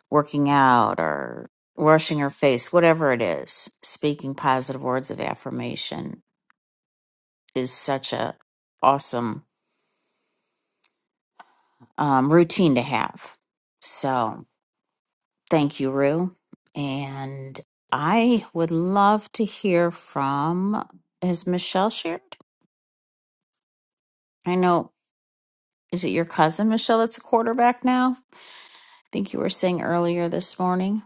S9: working out or washing our face, whatever it is, speaking positive words of affirmation is such a awesome um, routine to have. So thank you, Rue. And I would love to hear from has Michelle shared? I know is it your cousin Michelle that's a quarterback now? think you were saying earlier this morning.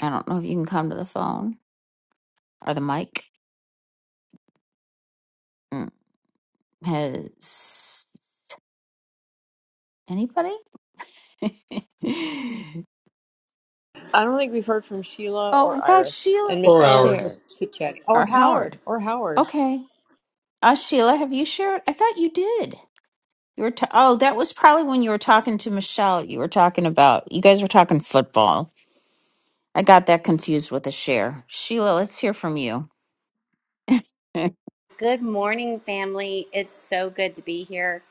S9: I don't know if you can come to the phone or the mic. Mm, Has anybody? oh, I thought Sheila
S4: Or Howard.
S9: shared or Howard.
S1: Lord.
S9: Okay. Uh, Sheila, have you shared? I thought you did. You were t- oh, that was probably when you were talking to Michelle. You were talking about you guys were talking football. I got that confused with a share. Sheila, let's hear from you.
S2: Good morning, family. It's so good to be here.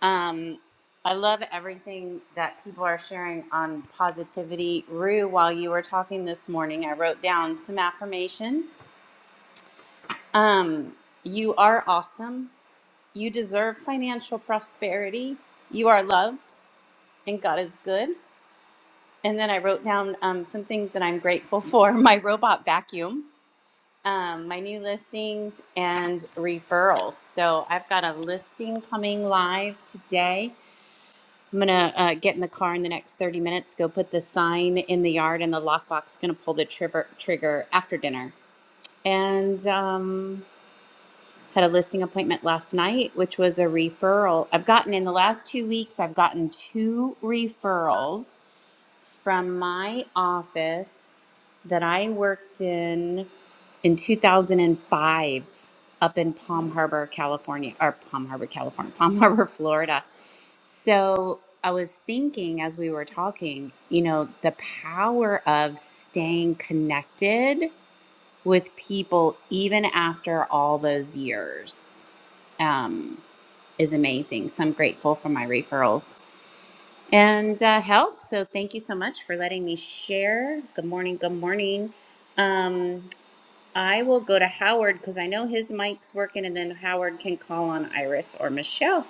S2: Um, I love everything that people are sharing on positivity. Rue, while you were talking this morning, I wrote down some affirmations. Um, you are awesome. You deserve financial prosperity. You are loved, and God is good. And then I wrote down um, some things that I'm grateful for my robot vacuum. um, my new listings and referrals. So I've got a listing coming live today. I'm gonna uh, get in the car in the next 30 minutes, go put the sign in the yard, and the lockbox. Gonna pull the trigger trigger after dinner. And um, had a listing appointment last night, which was a referral. I've gotten in the last two weeks. I've gotten two referrals from my office that I worked in in 2005 up in Palm Harbor, California, or Palm Harbor, California, Palm Harbor, Florida. So I was thinking as we were talking, you know, the power of staying connected with people even after all those years um, is amazing. So I'm grateful for my referrals and uh, health. So thank you so much for letting me share. Good morning. Good morning. Um, I will go to Howard because I know his mic's working, and then Howard can call on Iris or Michelle.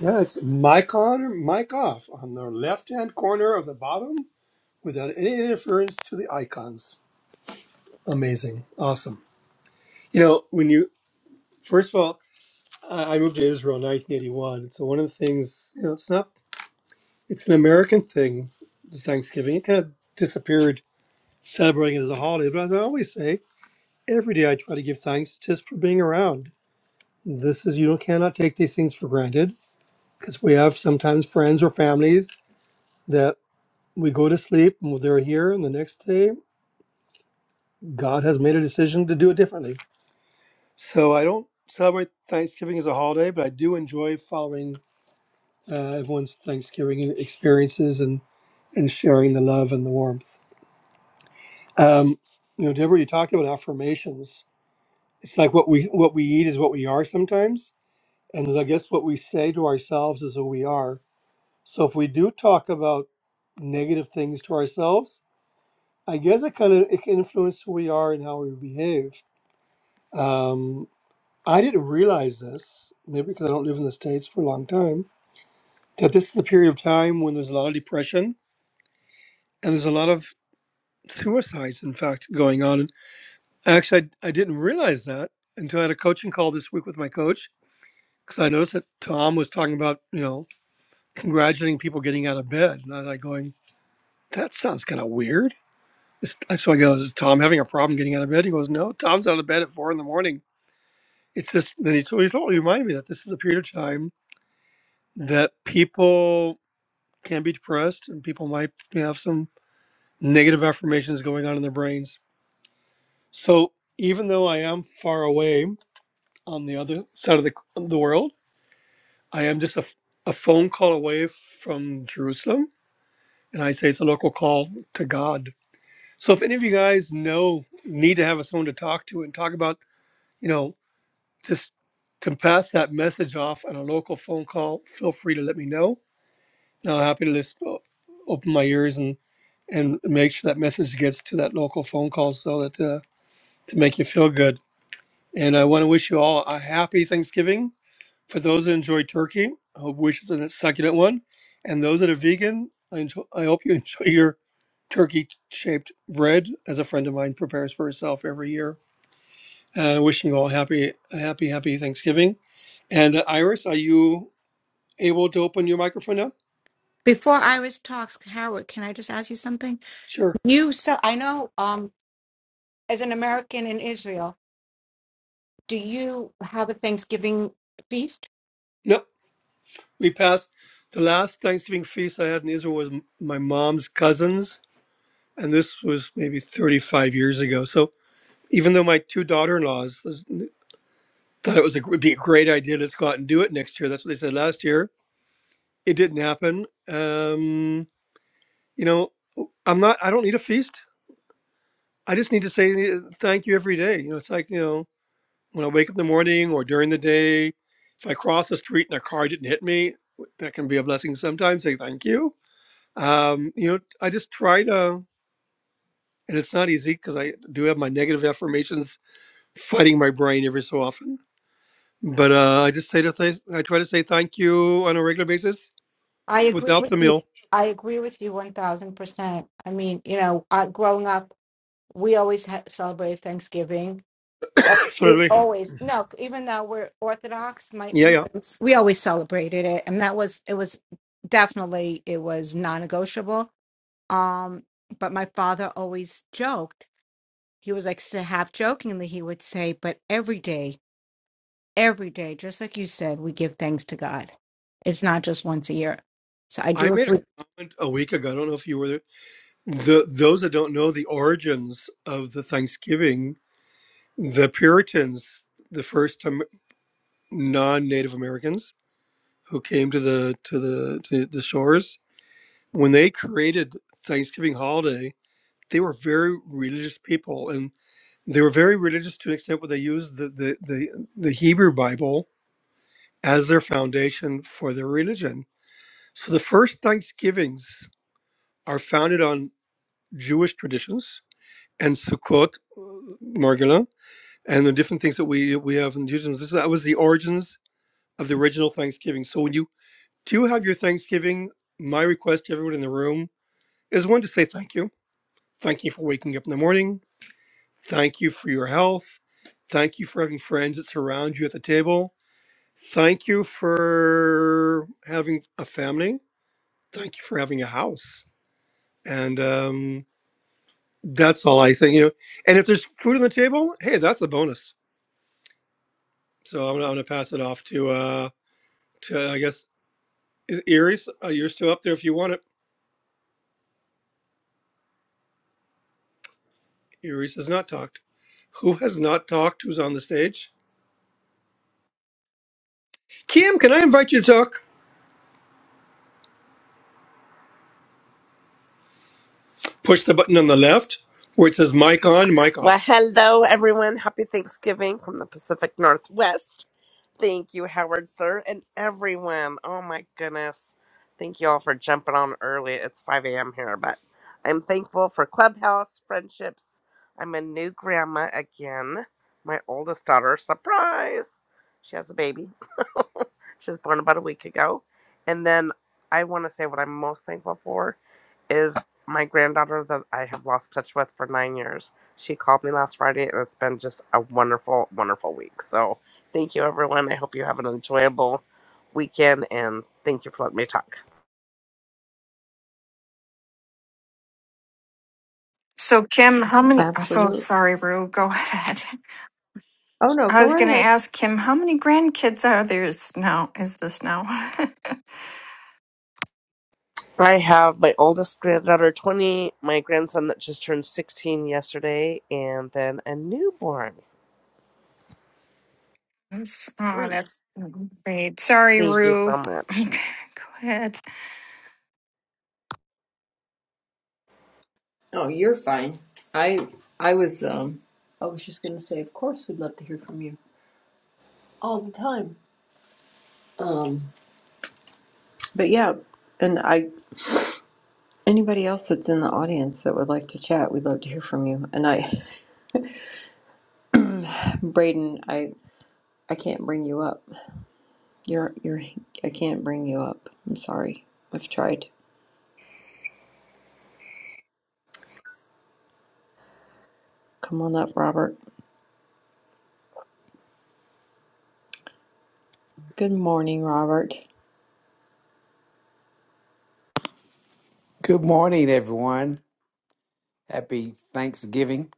S4: Yeah, it's mic on or mic off on the left hand corner of the bottom without any interference to the icons. Amazing. Awesome. You know, when you, first of all, I I moved to Israel in 1981. So one of the things, you know, it's not it's an American thing, the Thanksgiving. It kind of disappeared celebrating it as a holiday. But as I always say, every day I try to give thanks just for being around. This is, you know, cannot take these things for granted because we have sometimes friends or families that we go to sleep and they're here, and the next day God has made a decision to do it differently. So I don't celebrate Thanksgiving as a holiday, but I do enjoy following uh, everyone's Thanksgiving experiences and, and sharing the love and the warmth. Um, you know, Deborah, you talked about affirmations. It's like what we what we eat is what we are sometimes, and I guess what we say to ourselves is who we are. So if we do talk about negative things to ourselves, I guess it kind of it can influence who we are and how we behave. Um, I didn't realize this, maybe because I don't live in the states for a long time, that this is the period of time when there's a lot of depression and there's a lot of suicides, in fact, going on Actually, I, I didn't realize that until I had a coaching call this week with my coach because I noticed that Tom was talking about, you know, congratulating people getting out of bed. And I was like going, that sounds kind of weird. It's- I- So I go, is Tom having a problem getting out of bed? He goes, no, Tom's out of bed at four in the morning. It's just, then he, so he totally reminded me that this is a period of time that people can be depressed and people might have some negative affirmations going on in their brains. So even though I am far away on the other side of the, the world, I am just a a phone call away from Jerusalem, and I say it's a local call to God. So if any of you guys know need to have someone to talk to and talk about, you know, just to pass that message off on a local phone call, feel free to let me know, and I'm happy to just o- open my ears and and make sure that message gets to that local phone call so that uh, to make you feel good. And I want to wish you all a happy Thanksgiving For those that enjoy turkey, I hope wish is a succulent one. And those that are vegan, I, enjoy, I hope you enjoy your turkey shaped bread, as a friend of mine prepares for herself every year. Uh, wishing you all happy, a happy, happy Thanksgiving. And uh, Iris, are you able to open your microphone now?
S8: Before Iris talks, Howard, can I just ask you something?
S4: Sure.
S8: You so I know um as an American in Israel, do you have a Thanksgiving feast?
S4: Nope. We passed the last Thanksgiving feast I had in Israel was m- my mom's cousins, and this was maybe 35 years ago. So even though my two daughter-in-laws, Thought it was a, would be a great idea. Let's go out and do it next year. That's what they said last year. It didn't happen. Um, you know, I'm not. I don't need a feast. I just need to say uh, thank you every day. You know, it's like you know when I wake up in the morning or during the day. If I cross the street and a car didn't hit me, that can be a blessing sometimes. Say thank you. Um, you know, I just try to, and it's not easy because I do have my negative affirmations fighting my brain every so often. But uh, I just say to th- I try to say thank you on a regular basis
S8: I agree
S4: without
S8: with
S4: the
S8: you.
S4: meal,
S8: I agree with you 1000%. I mean, you know, I, growing up, we always ha- celebrated Thanksgiving. Uh, we
S4: certainly.
S8: always no even though we're orthodox my
S4: Yeah,
S8: we
S4: yeah.
S8: always we always celebrated it and that was it was definitely it was non-negotiable um but my father always joked he was like so half jokingly he would say but every day every day just like you said we give thanks to god it's not just once a year so i
S4: I
S8: do
S4: made a
S8: agree
S4: comment a week ago. I don't know if you were there. The, those that don't know the origins of the Thanksgiving, the Puritans, the first um, non-Native Americans who came to the to the to the shores, when they created Thanksgiving holiday, they were very religious people, and they were very religious to an extent where they used the the the, the Hebrew Bible as their foundation for their religion. So the first Thanksgivings are founded on Jewish traditions and Sukkot, uh, and the different things that we we have in Judaism. This, that was the origins of the original Thanksgiving. So when you do have your Thanksgiving, my request to everyone in the room is one to say thank you. Thank you for waking up in the morning. Thank you for your health. Thank you for having friends that surround you at the table. Thank you for having a family. Thank you for having a house. And um, That's all I think. You know, and if there's food on the table, hey, that's a bonus. So I'm gonna, I'm gonna pass it off to uh to I guess is Iris. Uh, you're still up there if you want it. Iris has not talked. Who has not talked? Who's on the stage? Kim, can I invite you to talk? Push the button on the left where it says mic on, mic
S10: Well,
S4: off.
S10: hello, everyone. Happy Thanksgiving from the Pacific Northwest. Thank you, Howard, sir, and everyone. Oh, my goodness. Thank you all for jumping on early. It's 5 a.m. here, but I'm thankful for Clubhouse, friendships. I'm a new grandma again. My oldest daughter, surprise! She has a baby. she was born about a week ago. And then I want to say what I'm most thankful for is my granddaughter that I have lost touch with for nine years. She called me last Friday, and it's been just a wonderful, wonderful week. So, thank you, everyone. I hope you have an enjoyable weekend, and thank you for letting me talk.
S7: So, Kim, how many? I'm so
S1: Absolutely.
S7: sorry, Rue. Go ahead.
S1: Oh no,
S7: I
S1: go
S7: was going
S1: right
S7: to
S1: ahead.
S7: ask Kim, how many grandkids are there's now? Is this now?
S10: I have my oldest granddaughter, 20, my grandson that just turned 16 yesterday, and then a newborn,
S7: Yes. oh,
S10: three.
S7: that's great. Sorry,
S10: Thank you so
S7: Rue.
S10: much.
S7: Okay, go ahead.
S1: Oh, you're fine. I I was um I was just gonna say, of course we'd love to hear from you all the time. Um, but yeah, and I Anybody else that's in the audience that would like to chat, we'd love to hear from you. And I, Braden, I, I can't bring you up. You're, you're, I can't bring you up. I'm sorry. I've tried. Come on up, Robert. Good morning, Robert.
S11: Good morning, everyone. Happy Thanksgiving.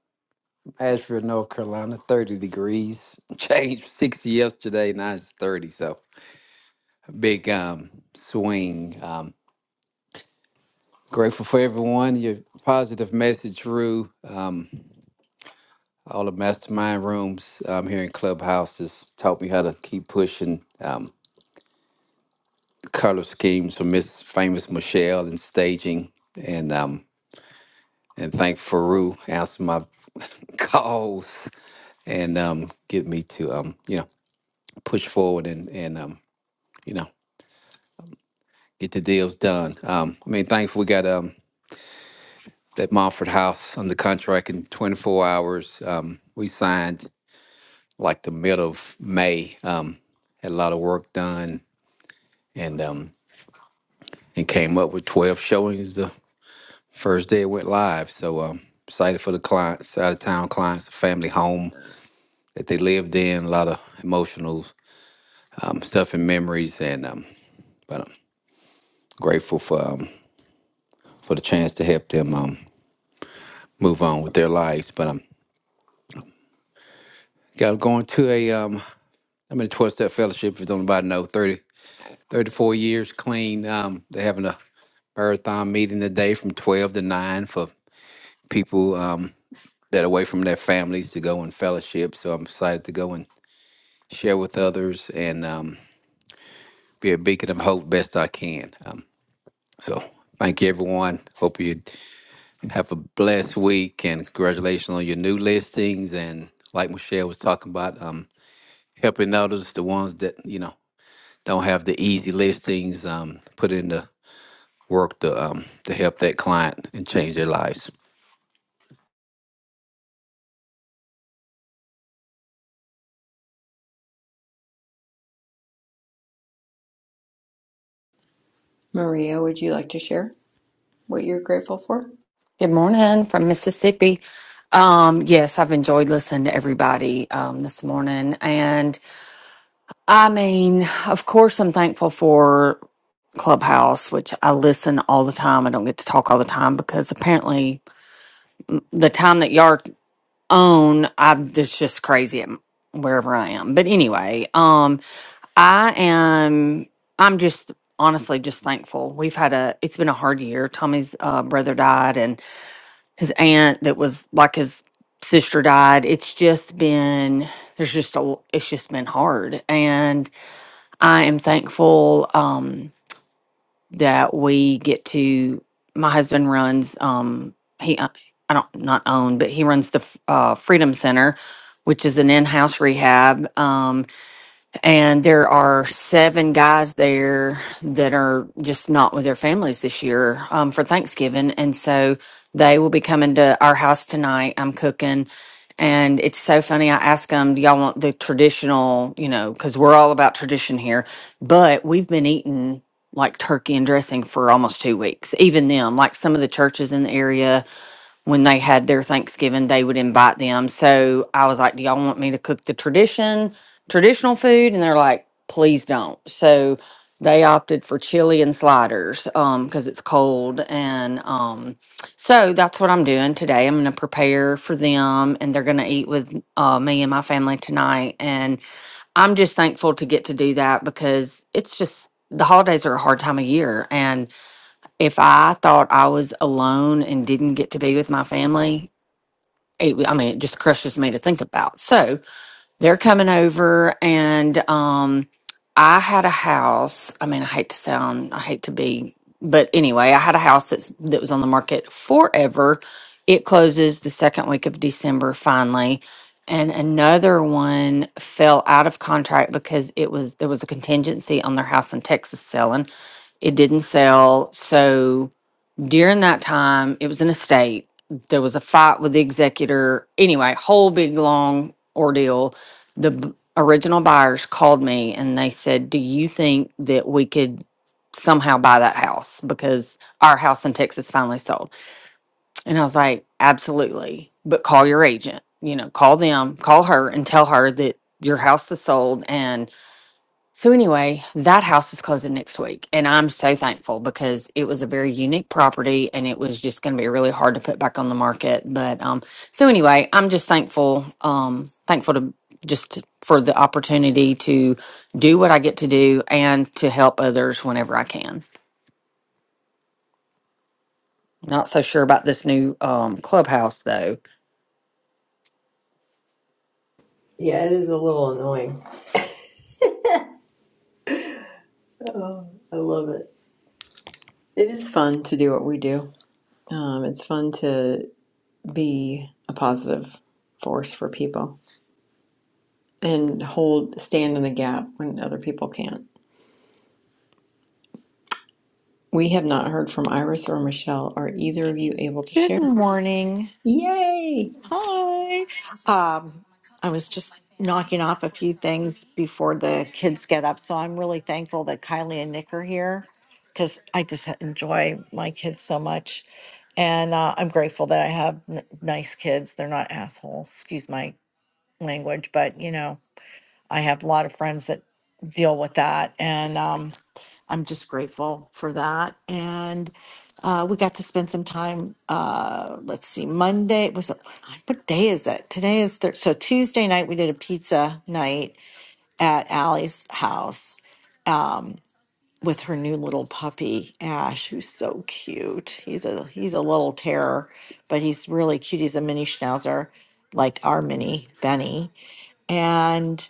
S11: Asheville, North Carolina, 30 degrees. Changed 60 yesterday, now it's 30. So, big um, swing. Um, grateful for everyone. Your positive message, Rue. Um, all the mastermind rooms um, here in Clubhouse has taught me how to keep pushing um, color schemes for Miss Famous Michelle and staging. And um, and thank Faru answer my calls and um, get me to um, you know push forward and and um, you know get the deals done. Um, I mean, thankfully we got um, that Montford House under contract in 24 hours. Um, we signed like the middle of May. Um, had a lot of work done and um, and came up with 12 showings the first day it went live. So um, excited for the clients, out of town clients, family home that they lived in. A lot of emotional um, stuff and memories and. Um, but I'm grateful for. Um, for the chance to help them um, move on with their lives. But I'm got going to a um, I'm in a 12 step fellowship. If you don't about know, 30, 34 years clean. Um, they're having a marathon meeting today from 12 to 9 for people um, that are away from their families to go and fellowship. So I'm excited to go and share with others and um, be a beacon of hope best I can. Um, so thank you, everyone. Hope you Have a blessed week and congratulations on your new listings. And like Michelle was talking about, um, helping others, the ones that, you know, don't have the easy listings, um, put in the work to, um, to help that client and change their lives.
S1: Maria, would you like to share what you're grateful for?
S12: Good morning from Mississippi. Um, yes, I've enjoyed listening to everybody um, this morning. And I mean, of course, I'm thankful for Clubhouse, which I listen all the time. I don't get to talk all the time because apparently the time that y'all own, I'm it's just crazy at wherever I am. But anyway, um, I am. I'm just honestly just thankful. We've had a. It's been a hard year. Tommy's uh, brother died, and his aunt that was like his sister died. It's just been there's just a l- it's just been hard, and I am thankful um, that we get to. My husband runs um, he uh, I don't not own, but he runs the f- uh, Freedom Center, which is an in-house rehab. Um, and there are seven guys there that are just not with their families this year um, for Thanksgiving. And so they will be coming to our house tonight. I'm cooking. And it's so funny. I asked them, do y'all want the traditional, you know, because we're all about tradition here. But we've been eating like turkey and dressing for almost two weeks, even them, like some of the churches in the area when they had their Thanksgiving, they would invite them. So I was like, Do y'all want me to cook the tradition, traditional food? And they're like, Please don't. So they opted for chili and sliders um, because it's cold. And um, so that's what I'm doing today. I'm going to prepare for them and they're going to eat with uh, me and my family tonight. And I'm just thankful to get to do that because it's just the holidays are a hard time of year. And if I thought I was alone and didn't get to be with my family, it, w- I mean, it just crushes me to think about. So they're coming over, and um, I had a house. I mean, I hate to sound, I hate to be, but anyway, I had a house that's that was on the market forever. It closes the second week of December finally. And another one fell out of contract because it was there was a contingency on their house in Texas selling. It didn't sell, so during that time, it was an estate. There was a fight with the executor. Anyway, whole big long ordeal. The b- original buyers called me and they said, "Do you think that we could somehow buy that house because our house in Texas finally sold?" And I was like, "Absolutely, but call your agent. You know, call them, call her, and tell her that your house is sold and." So anyway, that house is closing next week, and I'm so thankful because it was a very unique property, and it was just going to be really hard to put back on the market. But um, so anyway, I'm just thankful, um, thankful to just for the opportunity to do what I get to do and to help others whenever I can. Not so sure about this new um, clubhouse though.
S1: Yeah, it is a little annoying. I love it. It is fun to do what we do. Um, it's fun to be a positive force for people and hold, stand in the gap when other people can't. We have not heard from Iris or Michelle. Are either of you able to
S5: Good
S1: share?
S5: morning.
S1: Yay!
S5: Hi. Um, I was just knocking off a few things before the kids get up. So I'm really thankful that Kylie and Nick are here because I just enjoy my kids so much. And uh, I'm grateful that I have n- nice kids. They're not assholes, excuse my language, but you know, I have a lot of friends that deal with that. And um, I'm just grateful for that. And uh, we got to spend some time. Uh, let's see, Monday was what day is it? Today is thir- so Tuesday night. We did a pizza night at Allie's house with her new little puppy Ash, who's so cute. He's a he's a little terror, but he's really cute. He's a mini schnauzer, like our mini Benny, and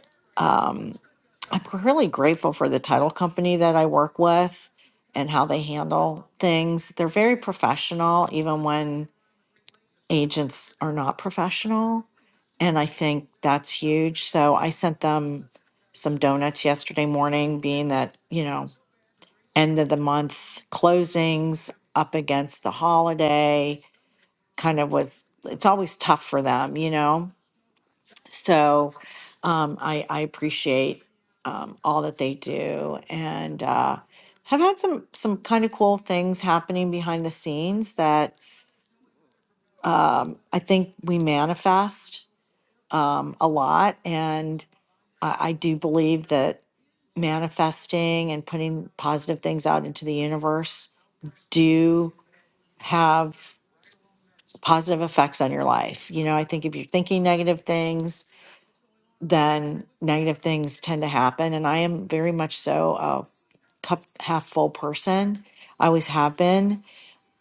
S5: I'm really grateful for the title company that I work with and how they handle things. They're very professional, even when agents are not professional. And I think that's huge. So I sent them some donuts yesterday morning, being that, you know, end of the month closings up against the holiday kind of was, it's always tough for them, you know? So um, I, I appreciate um, all that they do and uh, have had some some kind of cool things happening behind the scenes that I think we manifest a lot. And I, I do believe that manifesting and putting positive things out into the universe do have positive effects on your life. You know, I think if you're thinking negative things, then negative things tend to happen. And I am very much so uh, cup half full person. I always have been.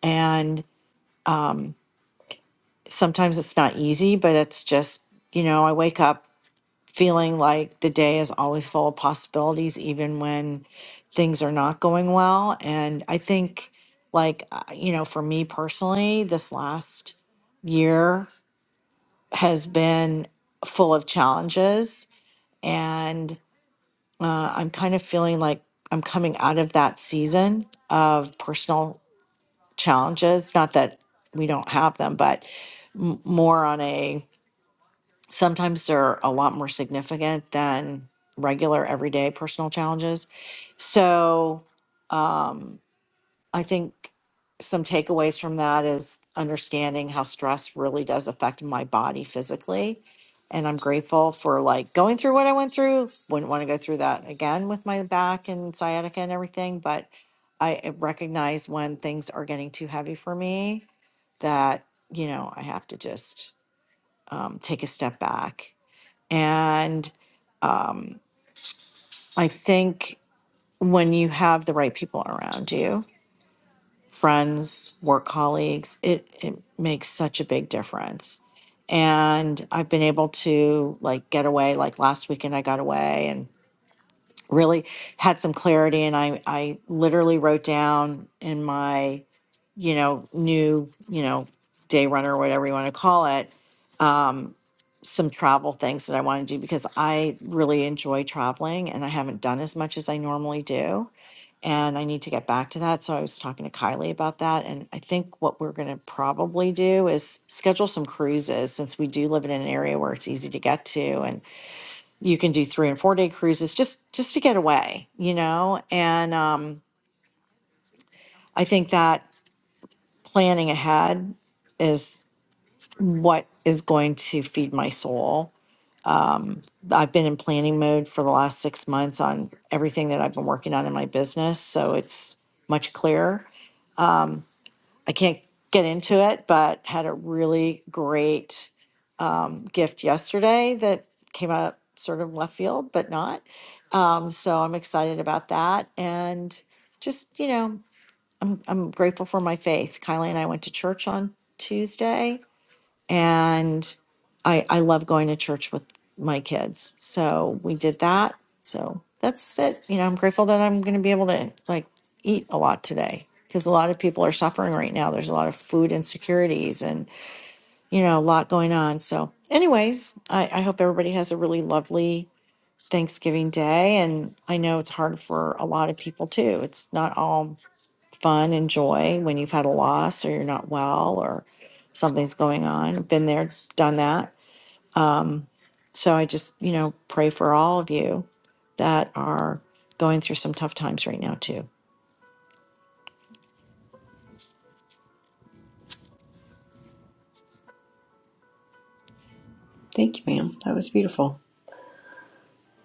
S5: And sometimes it's not easy, but it's just, you know, I wake up feeling like the day is always full of possibilities, even when things are not going well. And I think, like, uh, you know, for me personally, this last year has been full of challenges. And uh, I'm kind of feeling like I'm coming out of that season of personal challenges. Not that we don't have them, but m- more on a sometimes they're a lot more significant than regular everyday personal challenges. So um, I think some takeaways from that is understanding how stress really does affect my body physically. And I'm grateful for like going through what I went through. Wouldn't want to go through that again with my back and sciatica and everything, but I recognize when things are getting too heavy for me that, you know, I have to just um, take a step back. And um, I think when you have the right people around you, friends, work colleagues, it, it makes such a big difference. And I've been able to like get away, like last weekend I got away and really had some clarity and I, I literally wrote down in my, you know, new, you know, day runner, or whatever you want to call it, um, some travel things that I want to do because I really enjoy traveling and I haven't done as much as I normally do. And I need to get back to that. So I was talking to Kylie about that. And I think what we're going to probably do is schedule some cruises since we do live in an area where it's easy to get to and you can do three and four day cruises just just to get away, you know? And um, I think that planning ahead is what is going to feed my soul I've been in planning mode for the last six months on everything that I've been working on in my business. So it's much clearer. I can't get into it, but had a really great gift yesterday that came out sort of left field, but not. Um, so I'm excited about that. And just, you know, I'm grateful for my faith. Kylie and I went to church on Tuesday and I I love going to church with my kids. So we did that. So that's it. You know, I'm grateful that I'm going to be able to like eat a lot today because a lot of people are suffering right now. There's a lot of food insecurities and you know a lot going on. So, anyways, I, I hope everybody has a really lovely Thanksgiving day. And I know it's hard for a lot of people too. It's not all fun and joy when you've had a loss or you're not well or something's going on. Been there, done that. So I just, you know, pray for all of you that are going through some tough times right now, too.
S1: Thank you, ma'am. That was beautiful.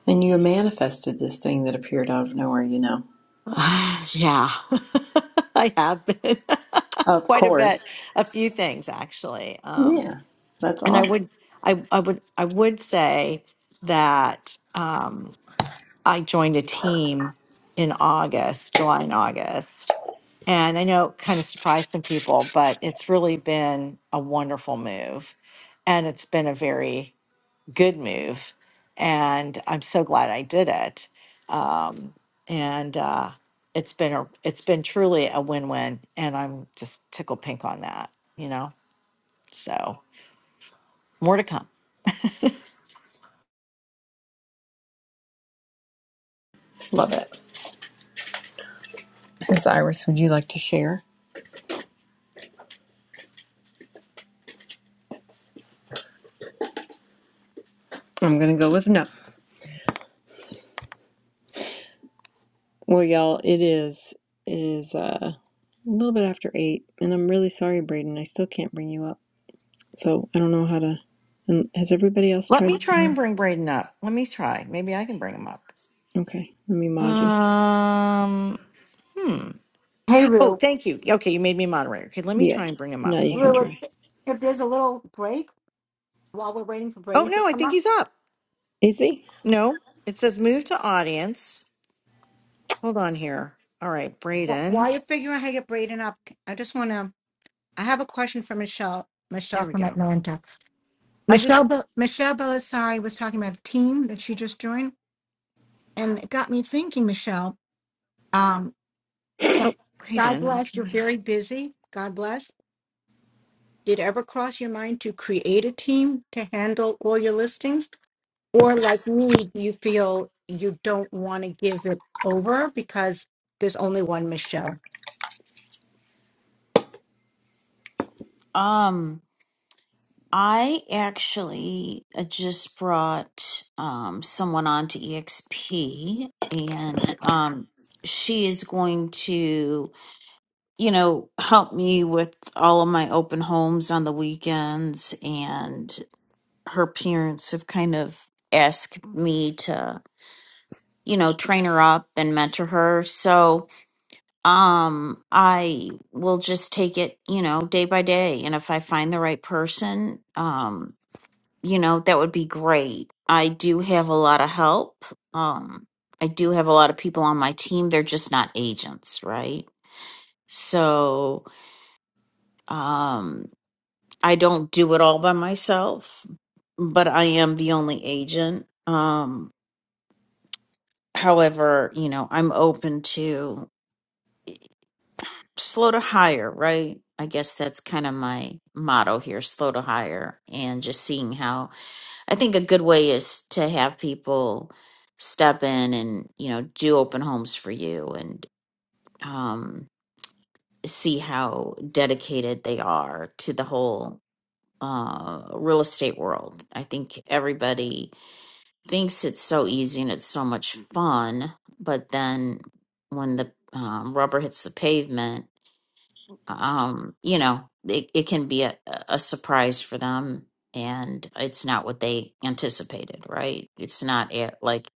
S1: And you manifested this thing that appeared out of nowhere, you know.
S5: yeah, I have been
S1: Of
S5: quite a bit,
S1: course.
S5: a few things actually. Um,
S1: Yeah, that's
S5: and I
S1: awesome.
S5: would, I, I would, I would say that. Um, I joined a team in August, July and August. And I know it kind of surprised some people, but it's really been a wonderful move. And it's been a very good move. And I'm so glad I did it. Um, and uh, it's been a, it's been truly a win-win. And I'm just tickled pink on that, you know? So more to come.
S1: Love it. Miss Iris, would you like to share? I'm gonna go with no. Well, y'all, it is it is uh, a little bit after eight, and I'm really sorry, Braden. I still can't bring you up, so I don't know how to. And has everybody else
S5: Let
S1: tried?
S5: me try and
S1: To...
S5: bring Braden up. Let me try. Maybe I can bring him up.
S1: Okay, let me mod you.
S5: Um Hmm.
S8: hey
S5: Oh,
S8: Rue,
S5: thank you. Okay, you made me moderator. Okay, let me
S1: Yeah.
S5: try and bring him
S1: No,
S5: up.
S1: you
S5: Hold
S1: can
S5: on.
S8: Rue,
S1: try.
S8: if, if there's a little break while we're waiting for
S5: Oh,
S8: braden to
S5: no, I
S8: come
S5: think
S8: up
S5: he's up.
S1: Is he?
S5: No, it says move to audience. Hold on here. All right,
S8: wh- while
S5: Braden.
S8: you're figuring out how to get braden up i just want to I have a question for Michelle. Michelle
S5: There we
S8: from
S5: go.
S8: Atlanta.
S5: I
S8: Michelle
S5: just,
S8: Be- Michelle Belisari was talking about a team that she just joined, and it got me thinking. Michelle, um, God
S5: oh,
S8: God
S5: Braden, I'm
S8: bless. You're
S5: trying.
S8: very busy. God bless. Did it ever cross your mind to create a team to handle all your listings, or like me, do you feel you don't want to give it over because there's only one Michelle.
S9: um, I actually uh, just brought um, someone on to EXP, and um, she is going to, you know, help me with all of my open homes on the weekends. And her parents have kind of asked me to, you know, train her up and mentor her. So um, I will just take it, you know, day by day. And if I find the right person, um, you know, that would be great. I do have a lot of help. Um, I do have a lot of people on my team. They're just not agents, right? So, um, I don't do it all by myself, but I am the only agent. Um, however, you know, I'm open to slow to hire, right? I guess that's kind of my motto here, slow to hire, and just seeing how I think a good way is to have people step in and, you know, do open homes for you and um, see how dedicated they are to the whole uh, real estate world. I think everybody thinks it's so easy and it's so much fun, but then when the um, rubber hits the pavement, um, you know, it, it can be a, a surprise for them and it's not what they anticipated, right? It's not it, like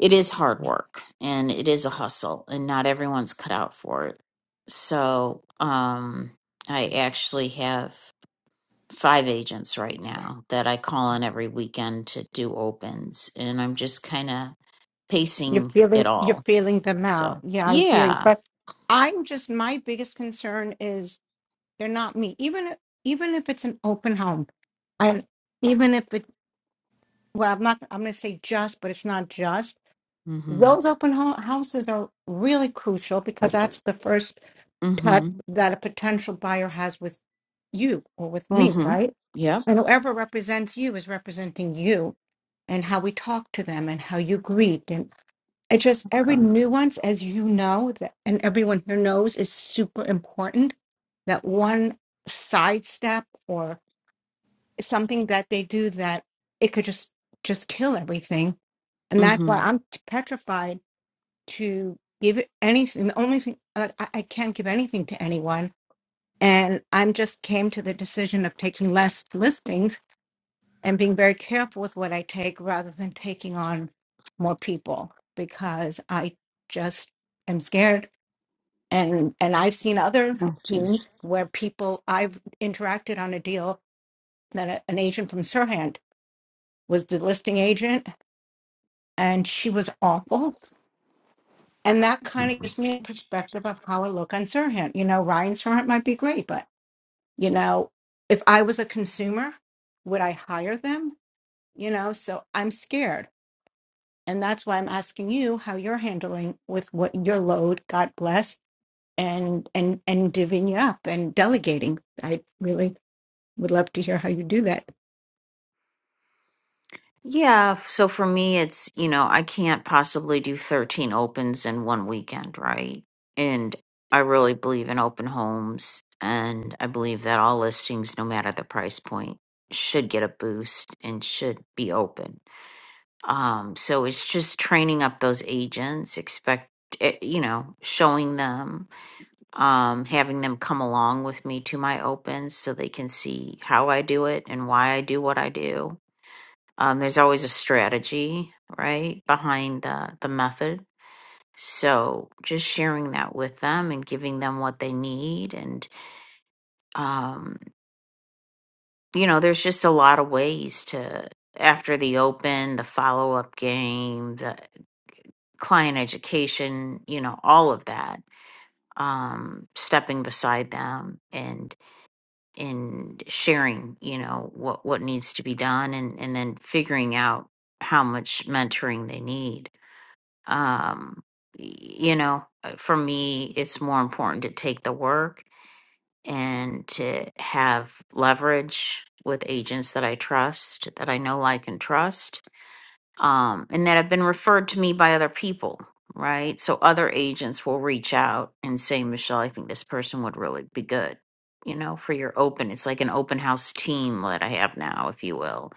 S9: it is hard work and it is a hustle and not everyone's cut out for it. So, um, I actually have five agents right now that I call on every weekend to do opens and I'm just kind of
S8: You're
S9: pacing it
S8: feeling you're
S9: all.
S8: feeling them out.
S9: So,
S8: Yeah, I hear you.
S9: yeah.
S8: But I'm just my biggest concern is They're not me. Even even if it's an open home, and even if it well, I'm not. I'm going to say just, but it's not just.
S9: Mhm.
S8: Those open ho- houses are really crucial because that's the first touch
S9: Mhm.
S8: that a potential buyer has with you or with me,
S9: Mhm.
S8: right?
S9: Yep.
S8: And whoever represents you is representing you and how we talk to them and how you greet. And it just every
S1: God.
S8: nuance, as you know, that, and everyone here knows, is super important. That one sidestep something that they do that it could just just kill everything and that's why
S9: Mhm.
S8: i'm t- petrified to give it anything the only thing like, I, I can't give anything to anyone and i'm just came to the decision of taking less listings and being very careful with what i take rather than taking on more people because i just am scared and and i've seen other
S1: Oh, jeez.
S8: teams where people i've interacted on a deal that a- an agent from Sirhan was the listing agent, and she was awful. And that kind of gives me a perspective of how I look on Sirhan. You know, Ryan Sirhan might be great, but you know, if I was a consumer, would I hire them? You know, so I'm scared. And that's why I'm asking you how you're handling with what your load, God bless, and and and divvying it up and delegating. I really would love to hear how you do that.
S9: Yeah, f- so for me, it's, you know, I can't possibly do 13 opens in one weekend, right? And I really believe in open homes, and I believe that all listings, no matter the price point, should get a boost and should be open. Um, so it's just training up those agents, expect eh, you know, showing them, um, having them come along with me to my opens so they can see how I do it and why I do what I do um, there's always a strategy, right, behind the, the method. So just sharing that with them and giving them what they need. And, um, you know, there's just a lot of ways to, after the open, the follow up game, the client education, you know, all of that, um, stepping beside them and, and sharing, you know, what, what needs to be done and, and then figuring out how much mentoring they need um y- you know uh, for me it's more important to take the work and to have leverage with agents that i trust that i know like and trust um and that have been referred to me by other people right so other agents will reach out and say michelle i think this person would really be good you know for your open it's like an open house team that i have now if you will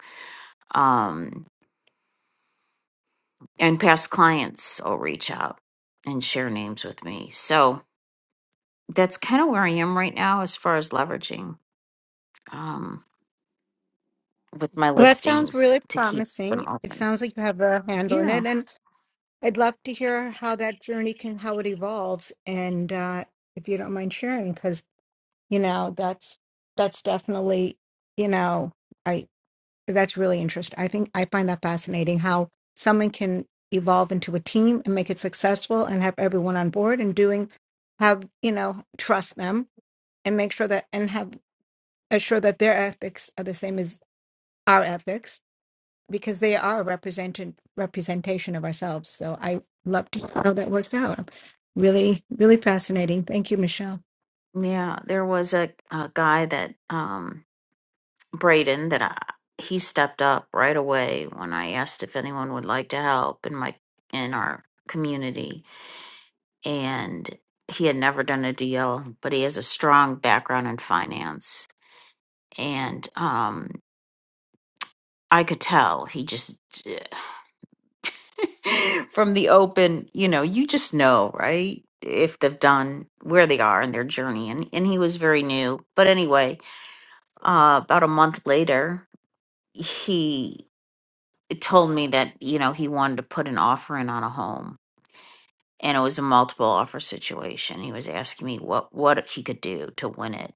S9: um and past clients will reach out and share names with me so that's kind of where I am right now as far as leveraging um, with my
S8: Well, that sounds
S9: listings
S8: really
S9: to keep them
S8: promising. It
S9: open.
S8: sounds like you have a handle in
S9: Yeah,
S8: it. and. I'd love to hear how that journey can, how it evolves, and uh, if you don't mind sharing, because you know that's that's definitely you know I that's really interesting. I think I find that fascinating how someone can evolve into a team and make it successful and have everyone on board and doing have you know trust them and make sure that and have assure that their ethics are the same as our ethics because they are represented representation of ourselves. So I love to see how that works out. Really, really fascinating. Thank you, Michelle.
S9: yeah. There was a, a guy that um, Braden that I, he stepped up right away when I asked if anyone would like to help in my in our community, and he had never done a deal, but he has a strong background in finance, and um, I could tell he just from the open, you know, you just know, right? If they've done where they are in their journey. And and he was very new. But anyway, uh about a month later, he told me that, you know, he wanted to put an offer in on a home. And it was a multiple offer situation. He was asking me what what he could do to win it.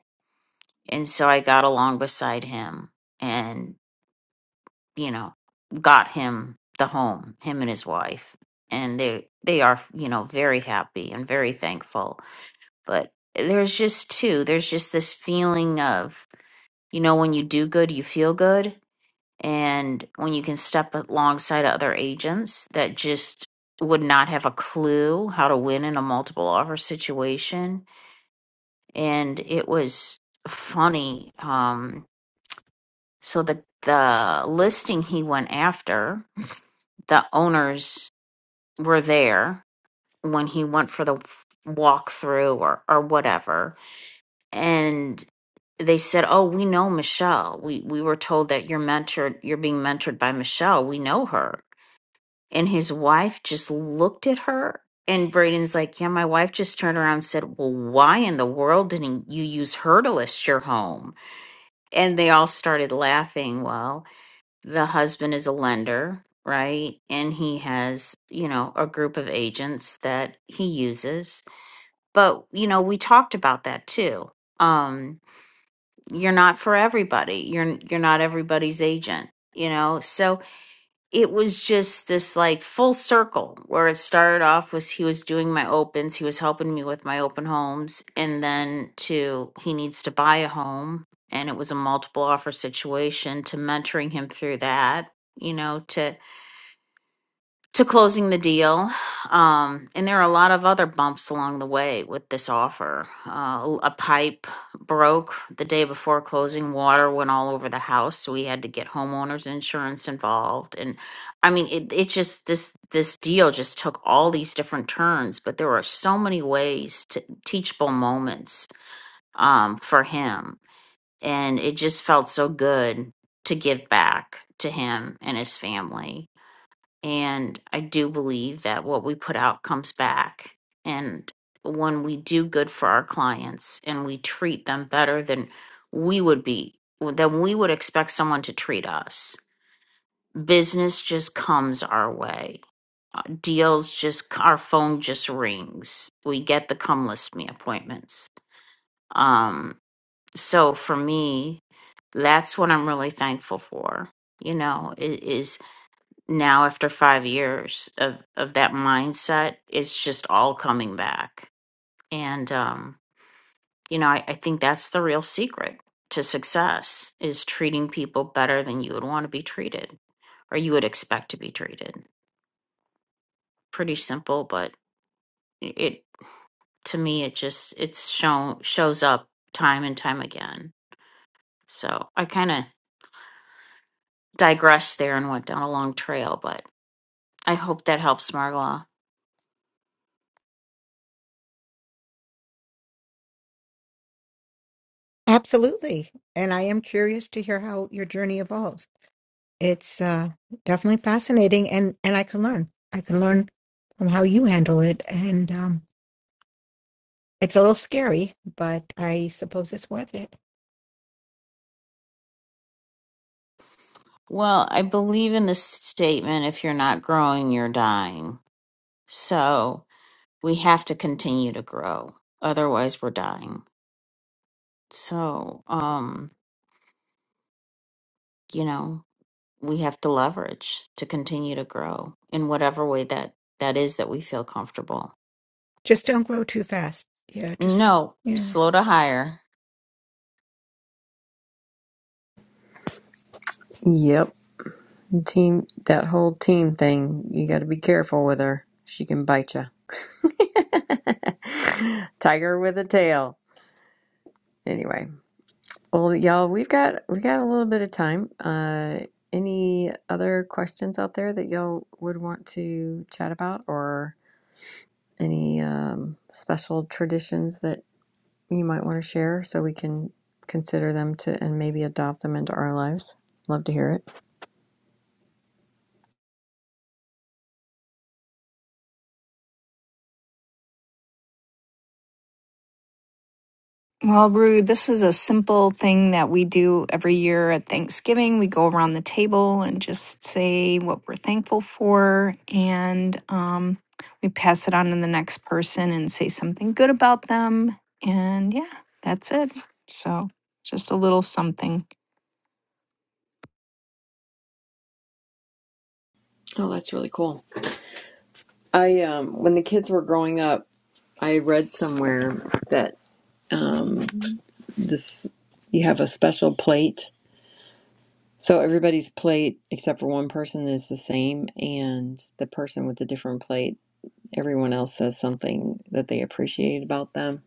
S9: And so I got along beside him and. you know, got him the home, him and his wife. And they they are, you know, very happy and very thankful. But there's just too, there's just this feeling of, you know, when you do good, you feel good. And when you can step alongside other agents that just would not have a clue how to win in a multiple offer situation. And it was funny. Um, so the the listing he went after, the owners were there when he went for the f- walkthrough or or whatever and they said oh we know michelle we we were told that you're mentored you're being mentored by michelle we know her and his wife just looked at her and braden's like yeah my wife just turned around and said, 'Well, why in the world didn't you use her to list your home and they all started laughing well the husband is a lender, right? And he has, you know, a group of agents that he uses. But, you know, we talked about that too. Um, you're not for everybody. You're you're not everybody's agent, you know. So it was just this like full circle where it started off was he was doing my opens, he was helping me with my open homes, and then to he needs to buy a home, and it was a multiple offer situation to mentoring him through that, you know, to to closing the deal. Um, and there are a lot of other bumps along the way with this offer. Uh, a pipe broke the day before closing, water went all over the house, so we had to get homeowners insurance involved. And I mean, it, it just this this deal just took all these different turns, but there were so many ways to teachable moments um, for him, and it just felt so good to give back to him and his family and I do believe that what we put out comes back. And when we do good for our clients and we treat them better than we would be, than we would expect someone to treat us, business just comes our way. Uh, Deals just, our phone just rings. We get the come list me appointments. Um, so for me, that's what I'm really thankful for, you know, i- is, now after five years of of that mindset it's just all coming back and um you know I, I think that's the real secret to success is treating people better than you would want to be treated or you would expect to be treated pretty simple but it to me it just it's shown shows up time and time again so i kind of digressed there and went down a long trail but i hope that helps margola
S8: Absolutely. And I am curious to hear how your journey evolves. It's uh, definitely fascinating, and and I can learn. I can learn from how you handle it, and um, it's a little scary, but I suppose it's worth it.
S9: Well, I believe in the statement if you're not growing, you're dying. So we have to continue to grow. Otherwise, we're dying. So, um, you know, we have to leverage to continue to grow in whatever way that that is that we feel comfortable.
S8: Just don't grow too fast. Yeah, just
S9: No,
S8: yeah.
S9: slow to hire.
S1: Yep. Team, that whole team thing. You got to be careful with her. She can bite you. Tiger with a tail. Anyway, well, y'all, we've got we got a little bit of time. Uh, any other questions out there that y'all would want to chat about, or any um, special traditions that you might want to share, so we can consider them to and maybe adopt them into our lives? Love to hear it.
S7: Well, Rue, this is a simple thing that we do every year at Thanksgiving. We go around the table and just say what we're thankful for, and um, we pass it on to the next person and say something good about them. And yeah, that's it. So just a little something.
S1: Oh, that's really cool. I um when the kids were growing up, I read somewhere that um this you have a special plate. So everybody's plate except for one person is the same and the person with the different plate, everyone else says something that they appreciate about them.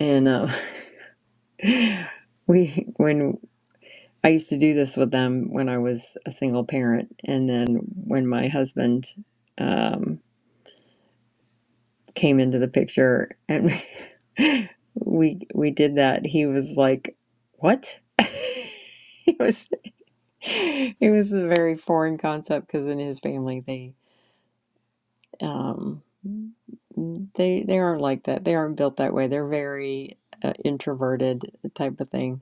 S1: And uh, we when I used to do this with them when I was a single parent and then when my husband um, came into the picture and we we did that he was like what it was it was a very foreign concept because in his family they um they they aren't like that they aren't built that way they're very uh, introverted type of thing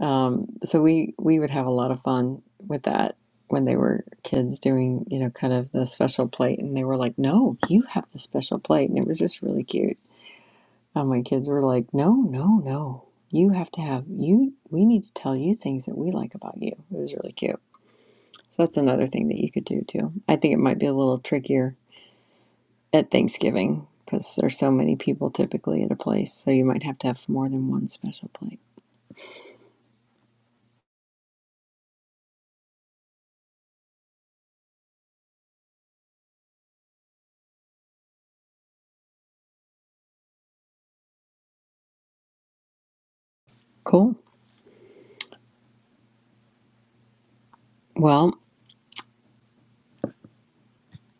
S1: um so we we would have a lot of fun with that when they were kids doing you know kind of the special plate and they were like no you have the special plate and it was just really cute And my kids were like, no, no, no. You have to have, you, we need to tell you things that we like about you. It was really cute. So that's another thing that you could do too. I think it might be a little trickier at Thanksgiving because there's so many people typically at a place. So you might have to have more than one special plate. Cool. Well,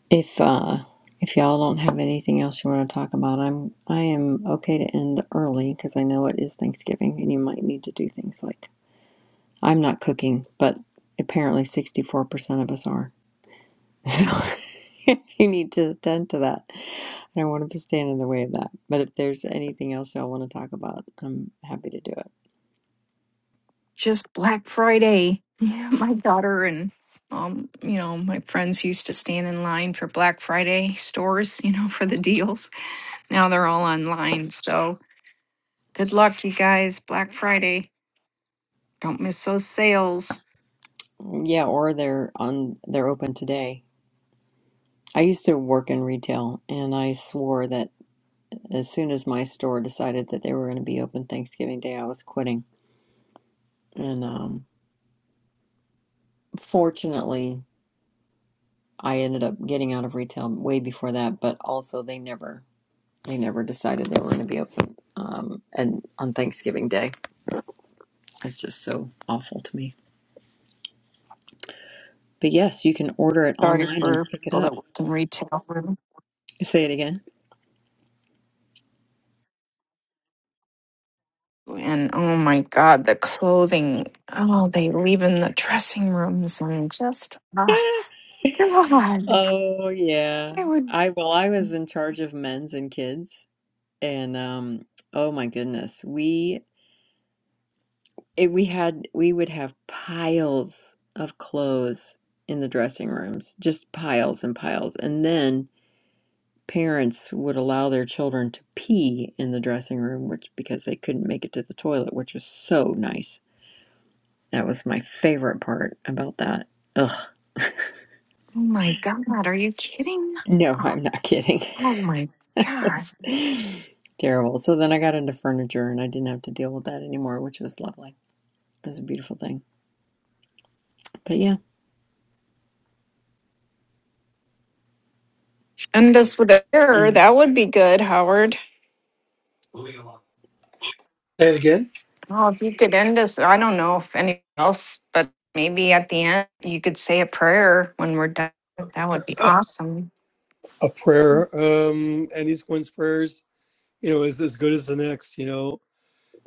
S1: if, uh, if y'all don't have anything else you want to talk about, I'm I am okay to end early because I know it is Thanksgiving and you might need to do things like I'm not cooking, but apparently 64% of us are. So you need to attend to that. I don't want to stand in the way of that. But if there's anything else y'all want to talk about, I'm happy to do it.
S7: Just Black Friday. Yeah, my daughter and um, you know, my friends used to stand in line for Black Friday stores, you know, for the deals. Now they're all online. So Good luck, you guys. Black Friday. Don't miss those sales.
S1: Yeah, or they're on they're open today. I used to work in retail and I swore that as soon as my store decided that they were going to be open Thanksgiving Day, I was quitting. And um fortunately, I ended up getting out of retail way before that, but also they never They never decided they were going to be open. Um, and on Thanksgiving Day, it's just so awful to me. But yes, you can order it
S7: Sorry
S1: online and
S7: for
S1: pick it
S7: people
S1: up.
S7: that work in retail.
S1: Say it again.
S7: And oh my God, the clothing. Oh, they leave in the dressing rooms and just, ah, God.
S1: Oh yeah.
S7: I would,
S1: I well, I was in charge of men's and kids, and um, oh my goodness, we it, we had we would have piles of clothes in the dressing rooms, just piles and piles, and then. parents would allow their children to pee in the dressing room which because they couldn't make it to the toilet which was so nice that was my favorite part about that ugh
S7: oh my God, are you kidding?
S1: no
S7: Oh
S1: i'm not kidding
S7: oh my God.
S1: terrible so then i got into furniture and i didn't have to deal with that anymore which was lovely it was a beautiful thing but yeah
S7: End us with a error.
S1: and
S7: That would be good, Howard.
S4: Say it again,
S7: Well, if you could end us, I don't know if anyone else, but maybe at the end you could say a prayer when we're done. That would be
S4: uh,
S7: awesome.
S4: a prayer. Um, and each one's prayers, you know, is as good as the next. You know,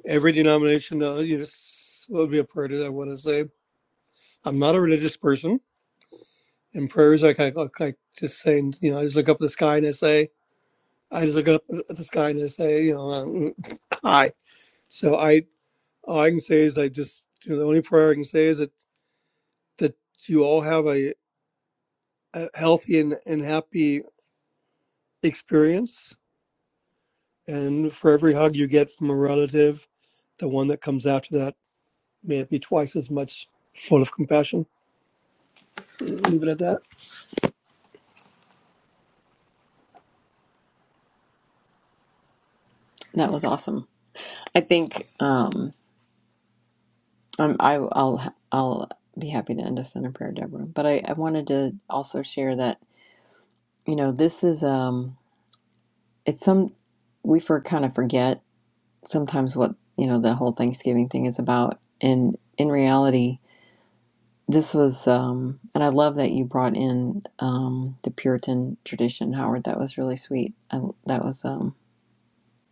S4: every denomination, uh, you just will be a prayer that I want to say. I'm not a religious person in prayers. Like I like I just say, you know, I just look up at the sky and I say, I just look up at the sky and I say, you know, uh, hi. So I all I can say is I just you know, the only prayer I can say is that that you all have a, a healthy and, and happy experience. And for every hug you get from a relative, the one that comes after that may it be twice as much full of compassion. Leave it at that.
S1: that was awesome i think um I'm, I, i'll i'll be happy to end us in a prayer deborah but i i wanted to also share that you know this is um it's some we for kind of forget sometimes what you know the whole Thanksgiving thing is about. And in reality, this was, um, and I love that you brought in um, the Puritan tradition, Howard. That was really sweet. I, that was um,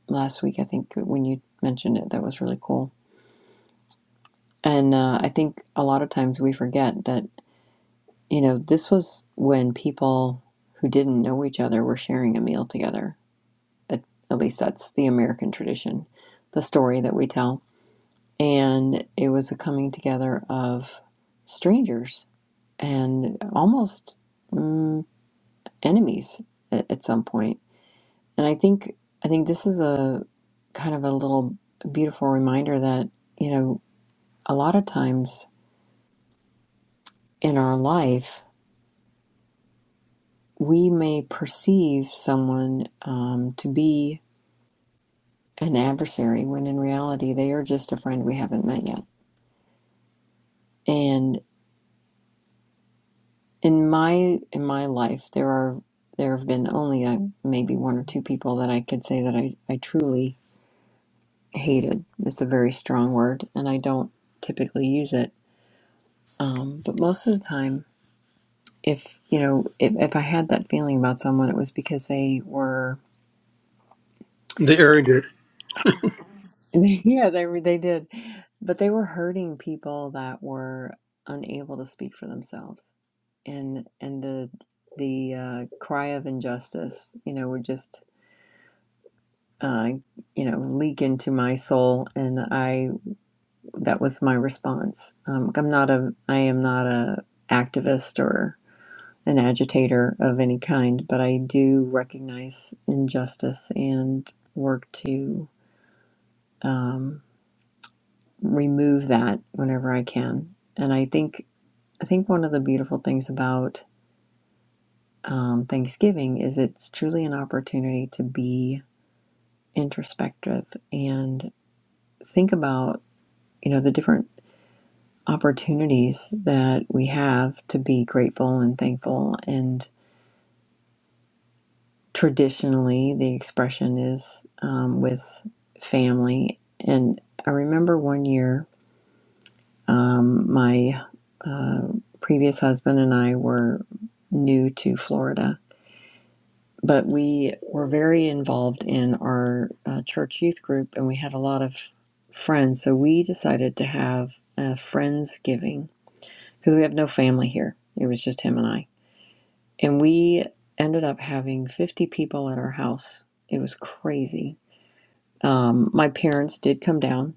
S1: last week, I think, when you mentioned it. That was really cool. And uh, I think a lot of times we forget that you know this was when people who didn't know each other were sharing a meal together. At, at least that's the American tradition, the story that we tell and it was a coming together of strangers and almost mm, enemies at, at some point. And I think I think this is a kind of a little beautiful reminder that you know a lot of times in our life we may perceive someone um, to be an adversary when in reality they are just a friend we haven't met yet. And in my in my life there are there have been only uh maybe one or two people that I could say that I, I truly hated. It's a very strong word, and I don't typically use it. Um, but most of the time, if you know, if, if I had that feeling about someone, it was because they were
S4: The Aaron did.
S1: yeah they were- they did, but they were hurting people that were unable to speak for themselves, and and the the uh, cry of injustice, you know, would just uh, you know, leak into my soul, and I that was my response. Um, I'm not a, I am not a activist or an agitator of any kind, but I do recognize injustice and work to um, remove that whenever I can. And I think I think one of the beautiful things about um, Thanksgiving is it's truly an opportunity to be introspective and think about you know the different opportunities that we have to be grateful and thankful. And traditionally, the expression is um, with family. And I remember one year, um, my uh, previous husband and I were new to Florida, but we were very involved in our uh, church youth group and we had a lot of friends. So we decided to have a Friendsgiving because we have no family here. It was just him and I and we ended up having 50 people at our house. It was crazy. Um, my parents did come down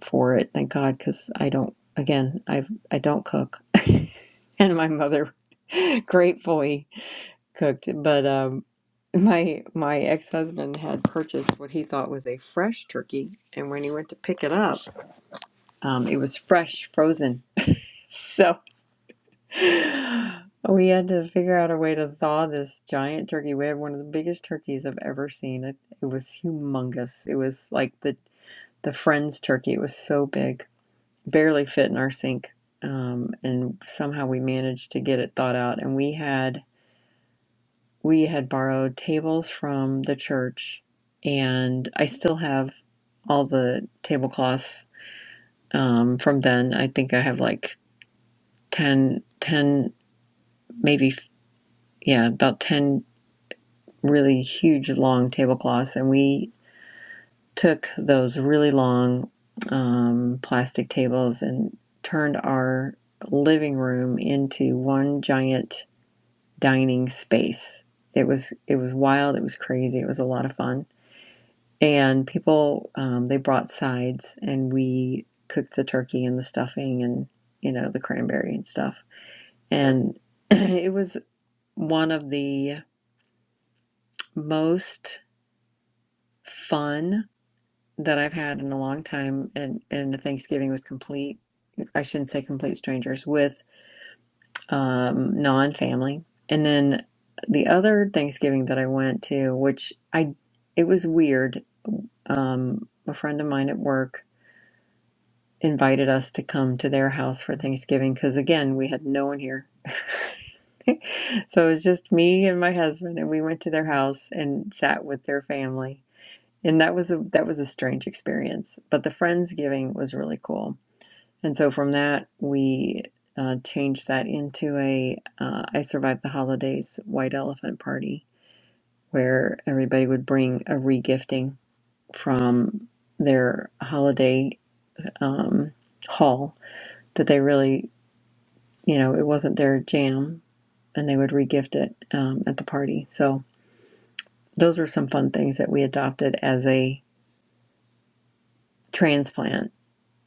S1: for it, thank God, because I don't. Again, I I don't cook, and my mother gratefully cooked. But um, my my ex husband had purchased what he thought was a fresh turkey, and when he went to pick it up, um, it was fresh, frozen. so we had to figure out a way to thaw this giant turkey. We had one of the biggest turkeys I've ever seen. It, it was humongous. It was like the the friend's turkey. It was so big, barely fit in our sink. Um, and somehow we managed to get it thawed out. And we had we had borrowed tables from the church, and I still have all the tablecloths um, from then. I think I have like 10, 10, maybe yeah, about 10 really huge long tablecloths and we took those really long um, plastic tables and turned our living room into one giant dining space it was it was wild it was crazy it was a lot of fun and people um, they brought sides and we cooked the turkey and the stuffing and you know the cranberry and stuff and it was one of the most fun that I've had in a long time, and and Thanksgiving with complete I shouldn't say complete strangers with um, non family, and then the other Thanksgiving that I went to, which I it was weird. Um, a friend of mine at work invited us to come to their house for Thanksgiving because again we had no one here. So it was just me and my husband, and we went to their house and sat with their family and that was a that was a strange experience but the friendsgiving was really cool and so from that we uh, changed that into a uh, i survived the holidays white elephant party where everybody would bring a regifting from their holiday um, haul that they really you know it wasn't their jam and they would regift it um, at the party so those were some fun things that we adopted as a transplant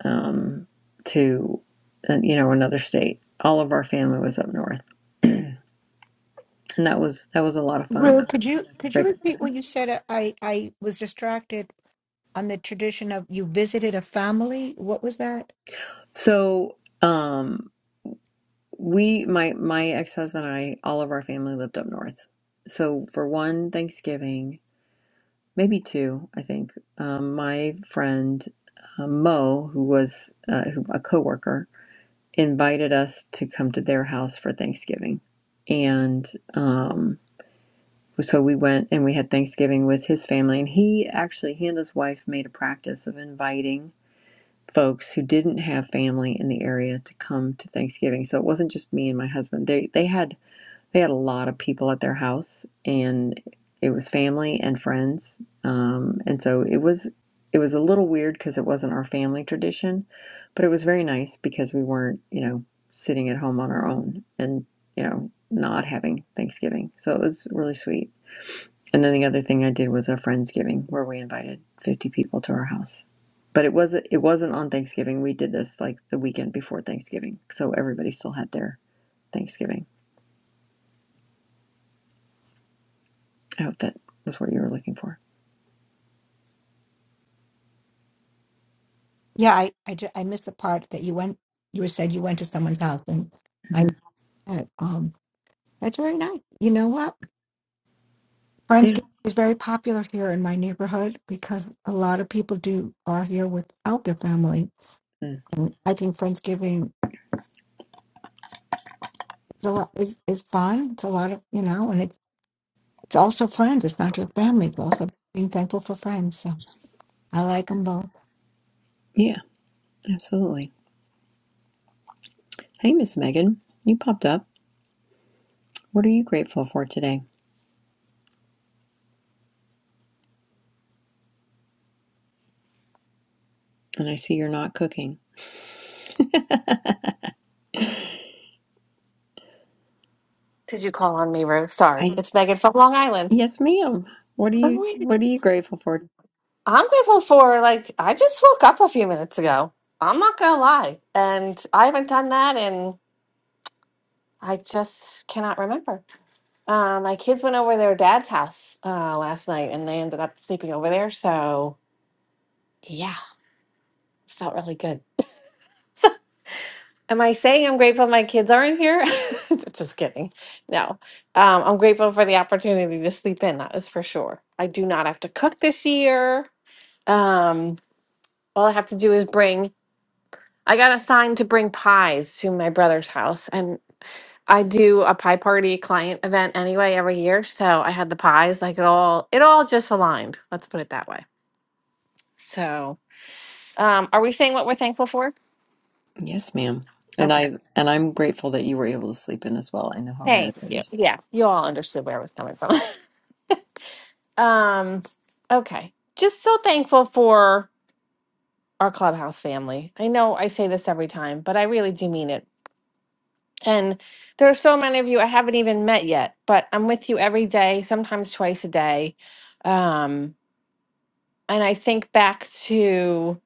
S1: um, to uh, you know another state. All of our family was up north, and that was that was a lot of fun.
S8: Rue, could
S1: I'm
S8: you could you
S1: afraid.
S8: repeat what you said? I I was distracted on the tradition of you visited a family. What was that?
S1: So um, we, my my ex husband and I, all of our family lived up north. So for one Thanksgiving, maybe two, I think, um, my friend uh, Mo, who was uh, who, a coworker, invited us to come to their house for Thanksgiving, and. um. so we went and we had Thanksgiving with his family. And he actually, he and his wife made a practice of inviting folks who didn't have family in the area to come to Thanksgiving. So it wasn't just me and my husband. They they had they had a lot of people at their house, and it was family and friends. Um, and so it was it was a little weird because it wasn't our family tradition, but it was very nice because we weren't you know sitting at home on our own and you know not having Thanksgiving. So it was really sweet. And then the other thing I did was a friendsgiving where we invited 50 people to our house. But it wasn't it wasn't on Thanksgiving. We did this like the weekend before Thanksgiving. So everybody still had their Thanksgiving. I hope that was what you were looking for.
S8: Yeah, I, I, ju- I missed the part that you went, you were said you went to someone's house and I,
S1: hmm
S8: missed that. um, that's very nice. You know what?
S1: Yeah.
S8: Friendsgiving is very popular here in my neighborhood because a lot of people do are here without their family.
S1: Mm.
S8: And I think Friendsgiving is a lot, is, is fun. It's a lot of, you know, and it's, it's also friends. It's not just family. It's also being thankful for friends. So I like them both.
S1: Yeah, absolutely. Hey, Miss Megan, you popped up. What are you grateful for today? And I see you're not cooking.
S13: Did you call on me, Ruth? Sorry,
S1: I
S13: it's Megan from Long Island.
S1: Yes, ma'am. What are
S13: I'm
S1: you
S13: waiting.
S1: what are you grateful for?
S13: I'm grateful for like I just woke up a few minutes ago. I'm not gonna lie, and I haven't done that, and I just cannot remember. Uh, my kids went over to their dad's house uh, last night, and they ended up sleeping over there. So yeah, felt really good. Am I saying I'm grateful my kids aren't here? just kidding. No, um, I'm grateful for the opportunity to sleep in. That is for sure. I do not have to cook this year. Um, all I have to do is bring. I got assigned to bring pies to my brother's house, and I do a pie party client event anyway every year. So I had the pies. Like it all, it all just aligned. Let's put it that way. So, um, are we saying what we're thankful for?
S1: Yes, ma'am. And
S13: Okay.
S1: I and I'm grateful that you were able to sleep in as well. I know how rare
S13: Thank
S1: that
S13: you.
S1: is.
S13: Yeah, you all understood where I was coming from. um, okay. Just so thankful for our clubhouse family. I know I say this every time, but I really do mean it. And there are so many of you I haven't even met yet, but I'm with you every day, sometimes twice a day. Um, and I think back to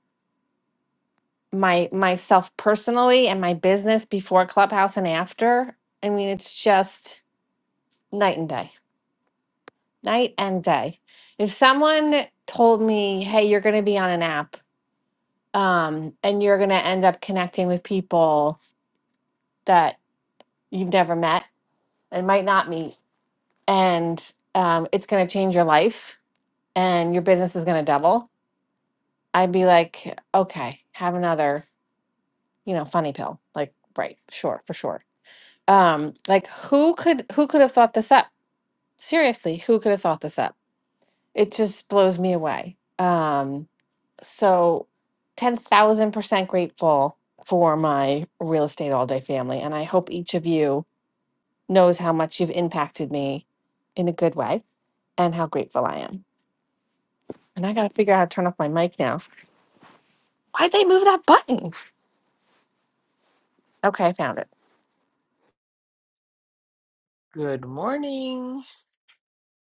S13: my myself personally and my business before Clubhouse and after. I mean, it's just night and day, night and day. If someone told me, "Hey, you're going to be on an app, um, and you're going to end up connecting with people that you've never met and might not meet, and um, it's going to change your life," and your business is going to double, I'd be like, okay, have another, you know, funny pill. Like, right, sure, for sure. Um, like who could who could have thought this up? Seriously, who could have thought this up? It just blows me away. Um, so 10,000% grateful for my real estate all day family and I hope each of you knows how much you've impacted me in a good way and how grateful I am. And I got to figure out how to turn off my mic now. Why'd they move that button? Okay, I found it.
S14: Good morning.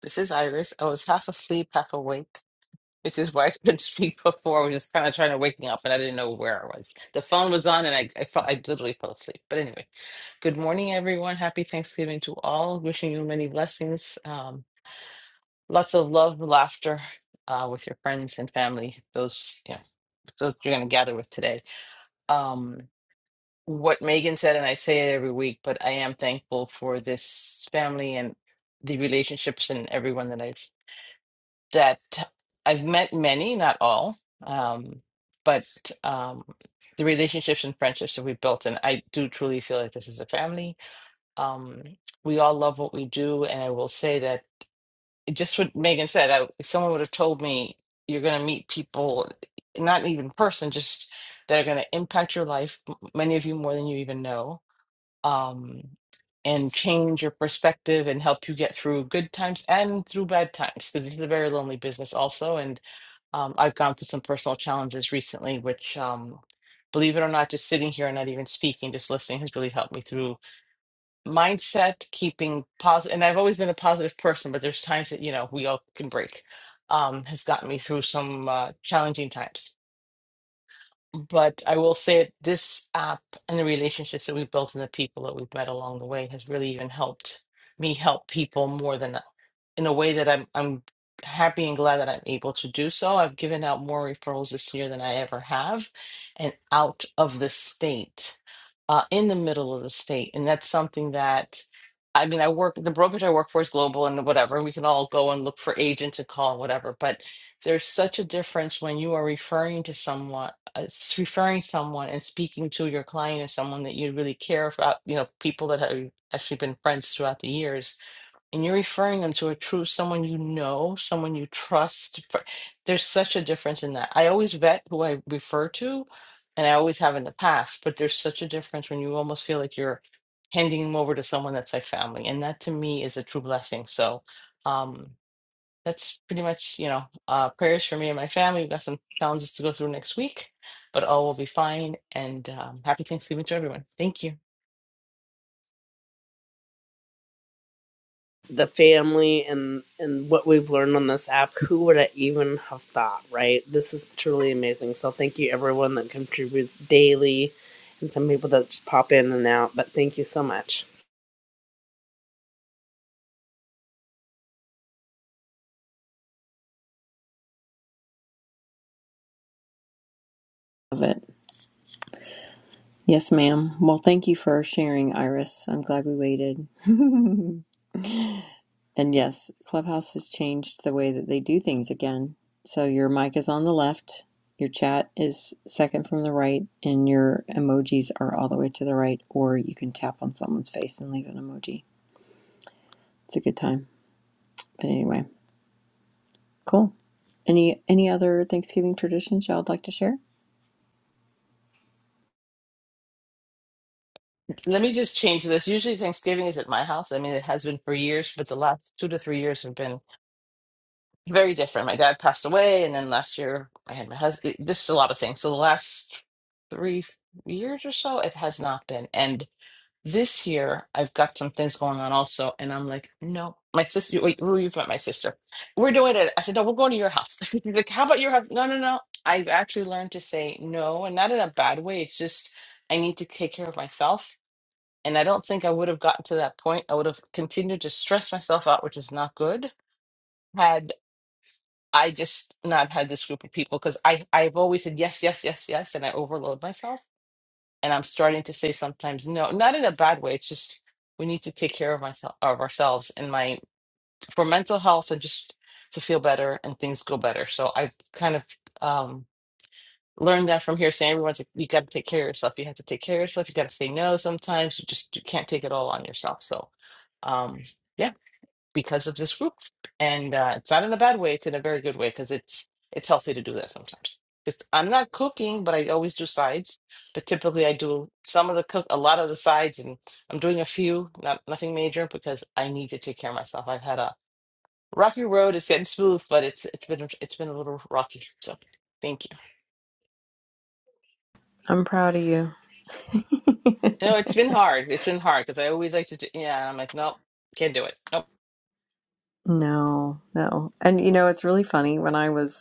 S14: This is Iris. I was half asleep, half awake, which is why I couldn't sleep before. I was just kind of trying to wake me up, and I didn't know where I was. The phone was on, and I, I felt I literally fell asleep. But anyway, good morning, everyone. Happy Thanksgiving to all. Wishing you many blessings, um, lots of love, laughter uh, with your friends and family. Those, yeah, those you're going to gather with today. Um, what Megan said, and I say it every week, but I am thankful for this family and the relationships and everyone that I've that I've met many, not all, um, but um, the relationships and friendships that we built, and I do truly feel like this is a family. Um, we all love what we do, and I will say that just what Megan said. I, if someone would have told me you're going to meet people, not even in person, just that are going to impact your life, m- many of you more than you even know um, and change your perspective and help you get through good times and through bad times because it's a very lonely business also and um, i've gone through some personal challenges recently which um, believe it or not just sitting here and not even speaking just listening has really helped me through mindset keeping positive and i've always been a positive person but there's times that you know we all can break um, has gotten me through some uh, challenging times but I will say it, this app and the relationships that we've built and the people that we've met along the way has really even helped me help people more than in a way that I'm I'm happy and glad that I'm able to do so. I've given out more referrals this year than I ever have, and out of the state, uh, in the middle of the state, and that's something that. I mean, I work, the brokerage I work for is global and whatever. We can all go and look for agents and call and whatever. But there's such a difference when you are referring to someone uh, s- referring someone and speaking to your client as someone that you really care about, you know, people that have actually been friends throughout the years, and you're referring them to a true someone you know, someone you trust. fr- There's such a difference in that. I always vet who I refer to, and I always have in the past, but there's such a difference when you almost feel like you're handing them over to someone that's like family. And that to me is a true blessing. So, um, that's pretty much, you know, uh, prayers for me and my family. We've got some challenges to go through next week, but all will be fine. And um, happy Thanksgiving to everyone. Thank you.
S10: the family and and what we've learned on this app who would i even have thought right this is truly amazing so thank you everyone that contributes daily and some people that just pop in and out but thank you so much
S1: Love it. Yes, ma'am. Well, thank you for sharing, Iris. I'm glad we waited. and yes, Clubhouse has changed the way that they do things again. So your mic is on the left, your chat is second from the right, and your emojis are all the way to the right, or you can tap on someone's face and leave an emoji. It's a good time. But anyway, cool. Any any other Thanksgiving traditions y'all would like to share?
S14: Let me just change this. Usually Thanksgiving is at my house. I mean, it has been for years, but the last two to three years have been very different. My dad passed away, and then last year I had my husband. Just a lot of things. So the last three years or so, it has not been. And This year, I've got some things going on also, and I'm like, no, my sister. Wait, who you've met my sister? We're doing it. I said, no, we're going to your house. She's like, how about your house? No, no, no. I've actually learned to say no, and not in a bad way. It's just I need to take care of myself, and I don't think I would have gotten to that point. I would have continued to stress myself out, which is not good. Had I just not had this group of people, because I I've always said yes, yes, yes, yes, and I overload myself and I'm starting to say sometimes no, not in a bad way. It's just we need to take care of myself of ourselves and my for mental health and just to feel better and things go better. So I kind of um learned that from here saying everyone's like, you gotta take care of yourself. You have to take care of yourself. You gotta say no sometimes. You just you can't take it all on yourself. So um yeah because of this group. And uh, it's not in a bad way; it's in a very good way because it's it's healthy to do that sometimes. Just I'm not cooking, but I always do sides. But typically, I do some of the cook, a lot of the sides, and I'm doing a few, not nothing major, because I need to take care of myself. I've had a rocky road; it's getting smooth, but it's it's been it's been a little rocky. So thank you.
S1: I'm proud of you.
S14: No, it's been hard. It's been hard because I always like to do. Yeah, I'm like, nope, can't do it. Nope.
S1: No, no. And you know, it's really funny when I was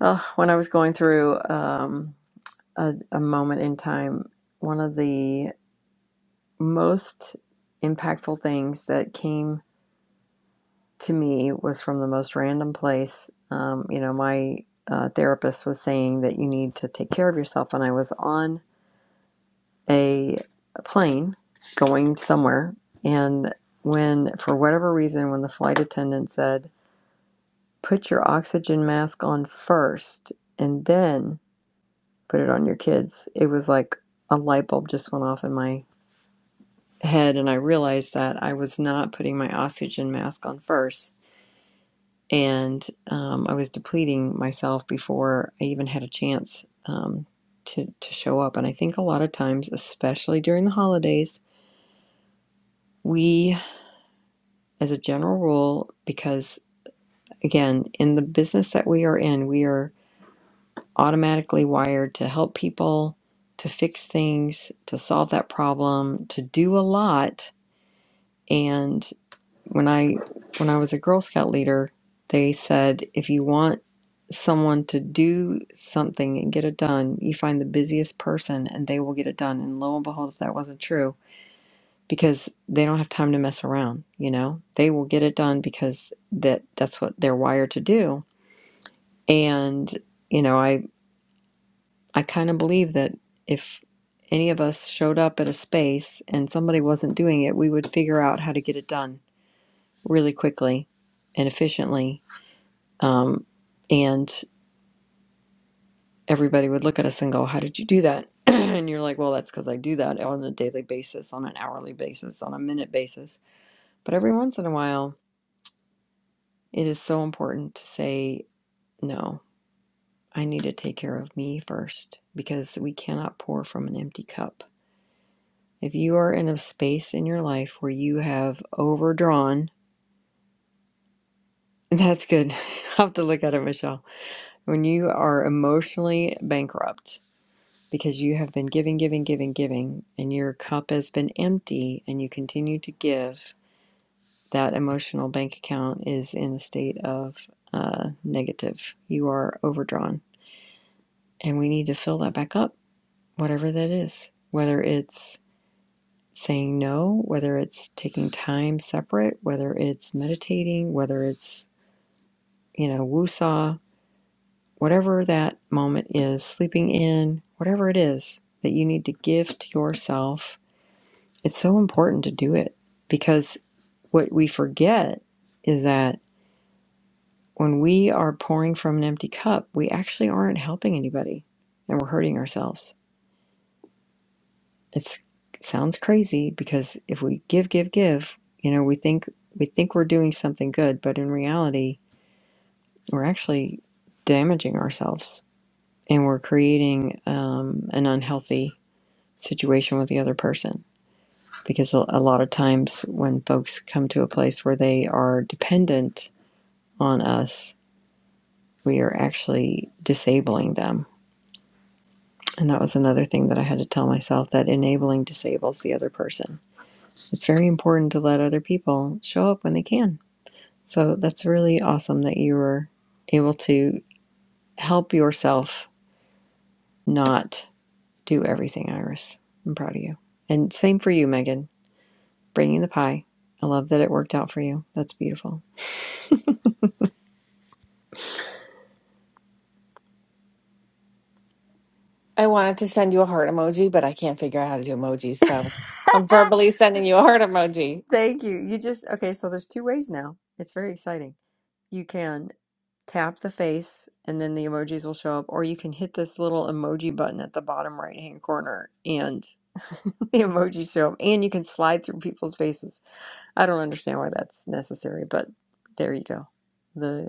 S1: Oh, when I was going through um, a, a moment in time, one of the most impactful things that came to me was from the most random place. Um, you know, my uh, therapist was saying that you need to take care of yourself, and I was on a plane going somewhere. And when, for whatever reason, when the flight attendant said, put your oxygen mask on first and then put it on your kids. It was like a light bulb just went off in my head, and I realized that I was not putting my oxygen mask on first, and um, I was depleting myself before I even had a chance um, to to show up. And I think a lot of times, especially during the holidays, we, as a general rule, because again, in the business that we are in, we are automatically wired to help people to fix things, to solve that problem, to do a lot and when i when i was a girl scout leader they said if you want someone to do something and get it done you find the busiest person and they will get it done and lo and behold if that wasn't true because they don't have time to mess around you know they will get it done because that that's what they're wired to do and you know i i kind of believe that if any of us showed up at a space and somebody wasn't doing it we would figure out how to get it done really quickly and efficiently. Um, and everybody would look at us and go, How did you do that? and you're like, Well, that's because I do that on a daily basis, on an hourly basis, on a minute basis. But every once in a while, it is so important to say, No, I need to take care of me first because we cannot pour from an empty cup. If you are in a space in your life where you have overdrawn, that's good. I'll have to look at it, Michelle. When you are emotionally bankrupt because you have been giving, giving, giving, giving, and your cup has been empty and you continue to give, that emotional bank account is in a state of uh, negative. You are overdrawn. And we need to fill that back up, whatever that is, whether it's saying no, whether it's taking time separate, whether it's meditating, whether it's, you know, woosah, whatever that moment is, sleeping in, whatever it is that you need to give to yourself It's so important to do it because what we forget is that when we are pouring from an empty cup, we actually aren't helping anybody and we're hurting ourselves. It's it sounds crazy because if we give give give, you know, we think we think we're doing something good, but in reality, we're actually damaging ourselves and we're creating um, an unhealthy situation with the other person because a, a lot of times when folks come to a place where they are dependent on us, we are actually disabling them. And that was another thing that I had to tell myself that enabling disables the other person. It's very important to let other people show up when they can. So that's really awesome that you were able to help yourself not do everything, Iris. I'm proud of you. And same for you, Megan, bringing the pie. I love that it worked out for you. That's beautiful.
S13: I wanted to send you a heart emoji, but I can't figure out how to do emojis. So I'm verbally sending you a heart emoji.
S1: Thank you. You just, okay, so there's two ways now. It's very exciting. You can tap the face and then the emojis will show up or you can hit this little emoji button at the bottom right hand corner and the emojis show up and you can slide through people's faces i don't understand why that's necessary but there you go the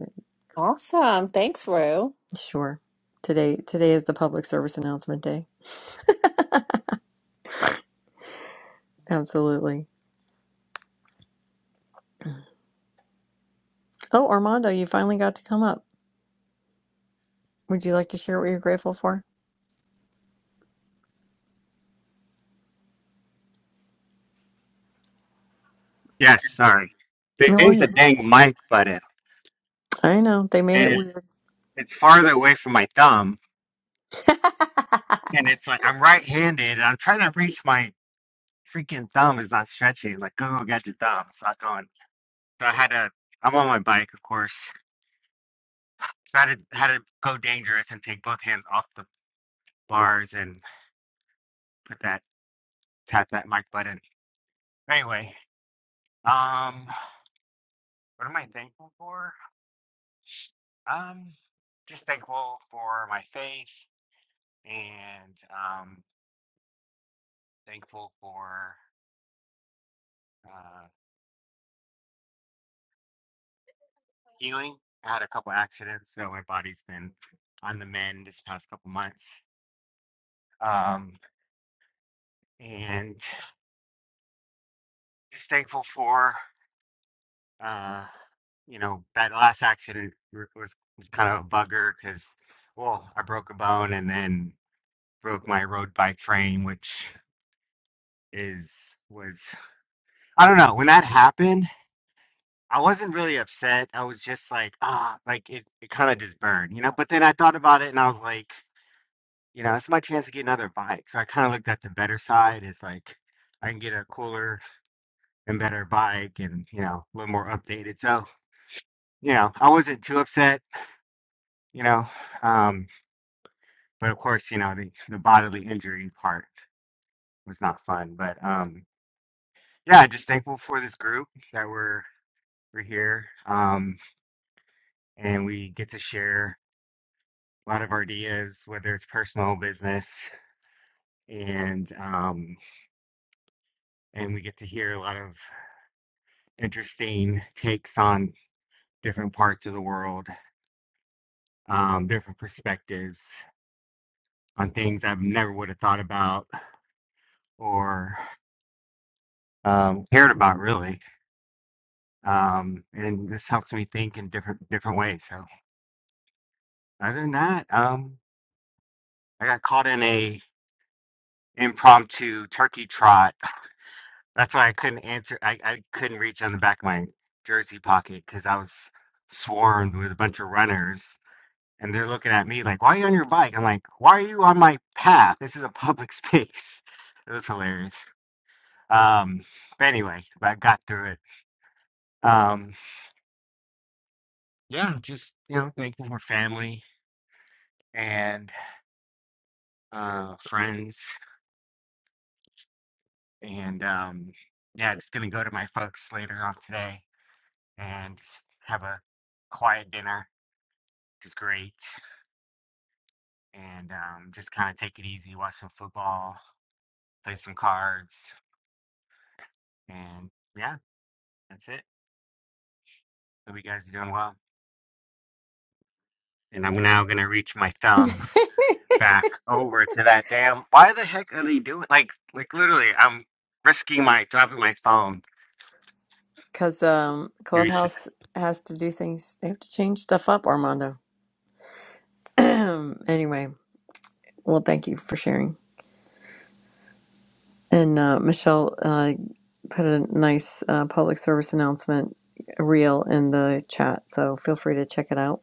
S13: Awesome. Thanks, Rue.
S1: sure today today is the public service announcement day absolutely oh armando you finally got to come up would you like to share what you're grateful for
S15: Yes, sorry.
S1: no
S15: There's a
S1: worries
S15: dang mic button,
S1: i know they made it
S15: and it,
S1: weird
S15: it's farther away from my thumb. And it's like I'm right-handed, and I'm trying to reach my freaking thumb is not stretching. Like, go get your thumb. It's not going. So I had to. I'm on my bike, of course. So I had to, had to go dangerous and take both hands off the bars and put that tap that mic button. Anyway, um, what am I thankful for? Um, just thankful for my faith and um thankful for. uh, healing. I had a couple accidents, so my body's been on the mend this past couple months. Um, and just thankful for, uh, you know, that last accident was, was kind of a bugger because, well, I broke a bone and then broke my road bike frame, which is, was, I don't know, when that happened, I wasn't really upset. I was just like, ah, like it, it kind of just burned, you know? But then I thought about it and I was like, you know, it's my chance to get another bike. So I kind of looked at the better side. It's like I can get a cooler and better bike and, you know, a little more updated. So, you know, I wasn't too upset, you know. Um, but of course, you know, the, the bodily injury part was not fun. But um, yeah, just thankful for this group that we're we're here. Um, and we get to share a lot of our ideas, whether it's personal business and um and we get to hear a lot of interesting takes on different parts of the world, um, different perspectives on things I never would have thought about or um, cared about really. Um, and this helps me think in different different ways. So other than that, um, I got caught in a impromptu turkey trot. That's why I couldn't answer. I, I couldn't reach on the back of my jersey pocket because I was swarmed with a bunch of runners and they're looking at me like, "Why are you on your bike?" I'm like, "Why are you on my path? This is a public space." It was hilarious. Um, but anyway, I got through it. Um, yeah, just you know, thankful for family and uh, friends, and um, yeah, just gonna go to my folks later on today and just have a quiet dinner, which is great, and um, just kind of take it easy, watch some football, play some cards, and yeah, that's it. Hope you guys are doing well. and I'm now gonna reach my thumb back over to that damn. Why the heck are they doing? Like, like literally, I'm risking my dropping my phone.
S1: because um,
S15: to reach
S1: Clubhouse
S15: this.
S1: has to do things. They have to change stuff up, Armando. anyway, well, thank you for sharing. And uh, Michelle uh, put a nice uh, public service announcement reel in the chat, so feel free to check it out.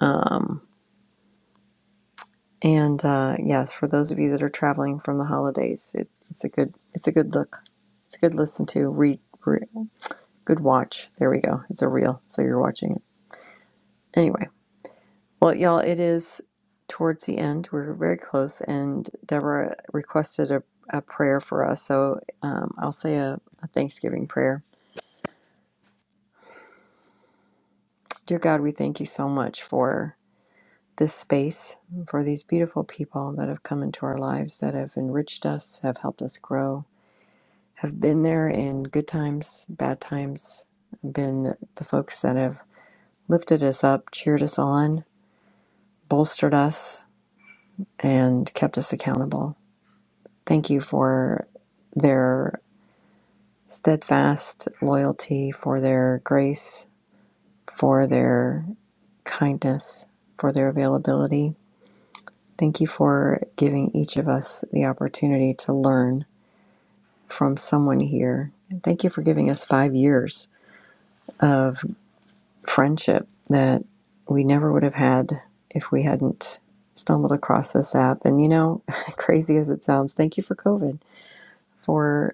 S1: Um, and uh, yes, for those of you that are traveling from the holidays, it, it's a good it's a good look. It's a good listen to, read, re, re- good watch. There we go. It's a reel, so you're watching it. Anyway, Well, y'all, it is towards the end. We're very close, and Deborah requested a, a prayer for us. So um, I'll say a, a Thanksgiving prayer. Dear God, we thank you so much for this space, for these beautiful people that have come into our lives, that have enriched us, have helped us grow, have been there in good times, bad times, been the folks that have lifted us up, cheered us on, bolstered us, and kept us accountable. Thank you for their steadfast loyalty, for their grace, for their kindness, for their availability. Thank you for giving each of us the opportunity to learn from someone here. And thank you for giving us five years of friendship that we never would have had if we hadn't stumbled across this app. And you know, crazy as it sounds, thank you for COVID, for.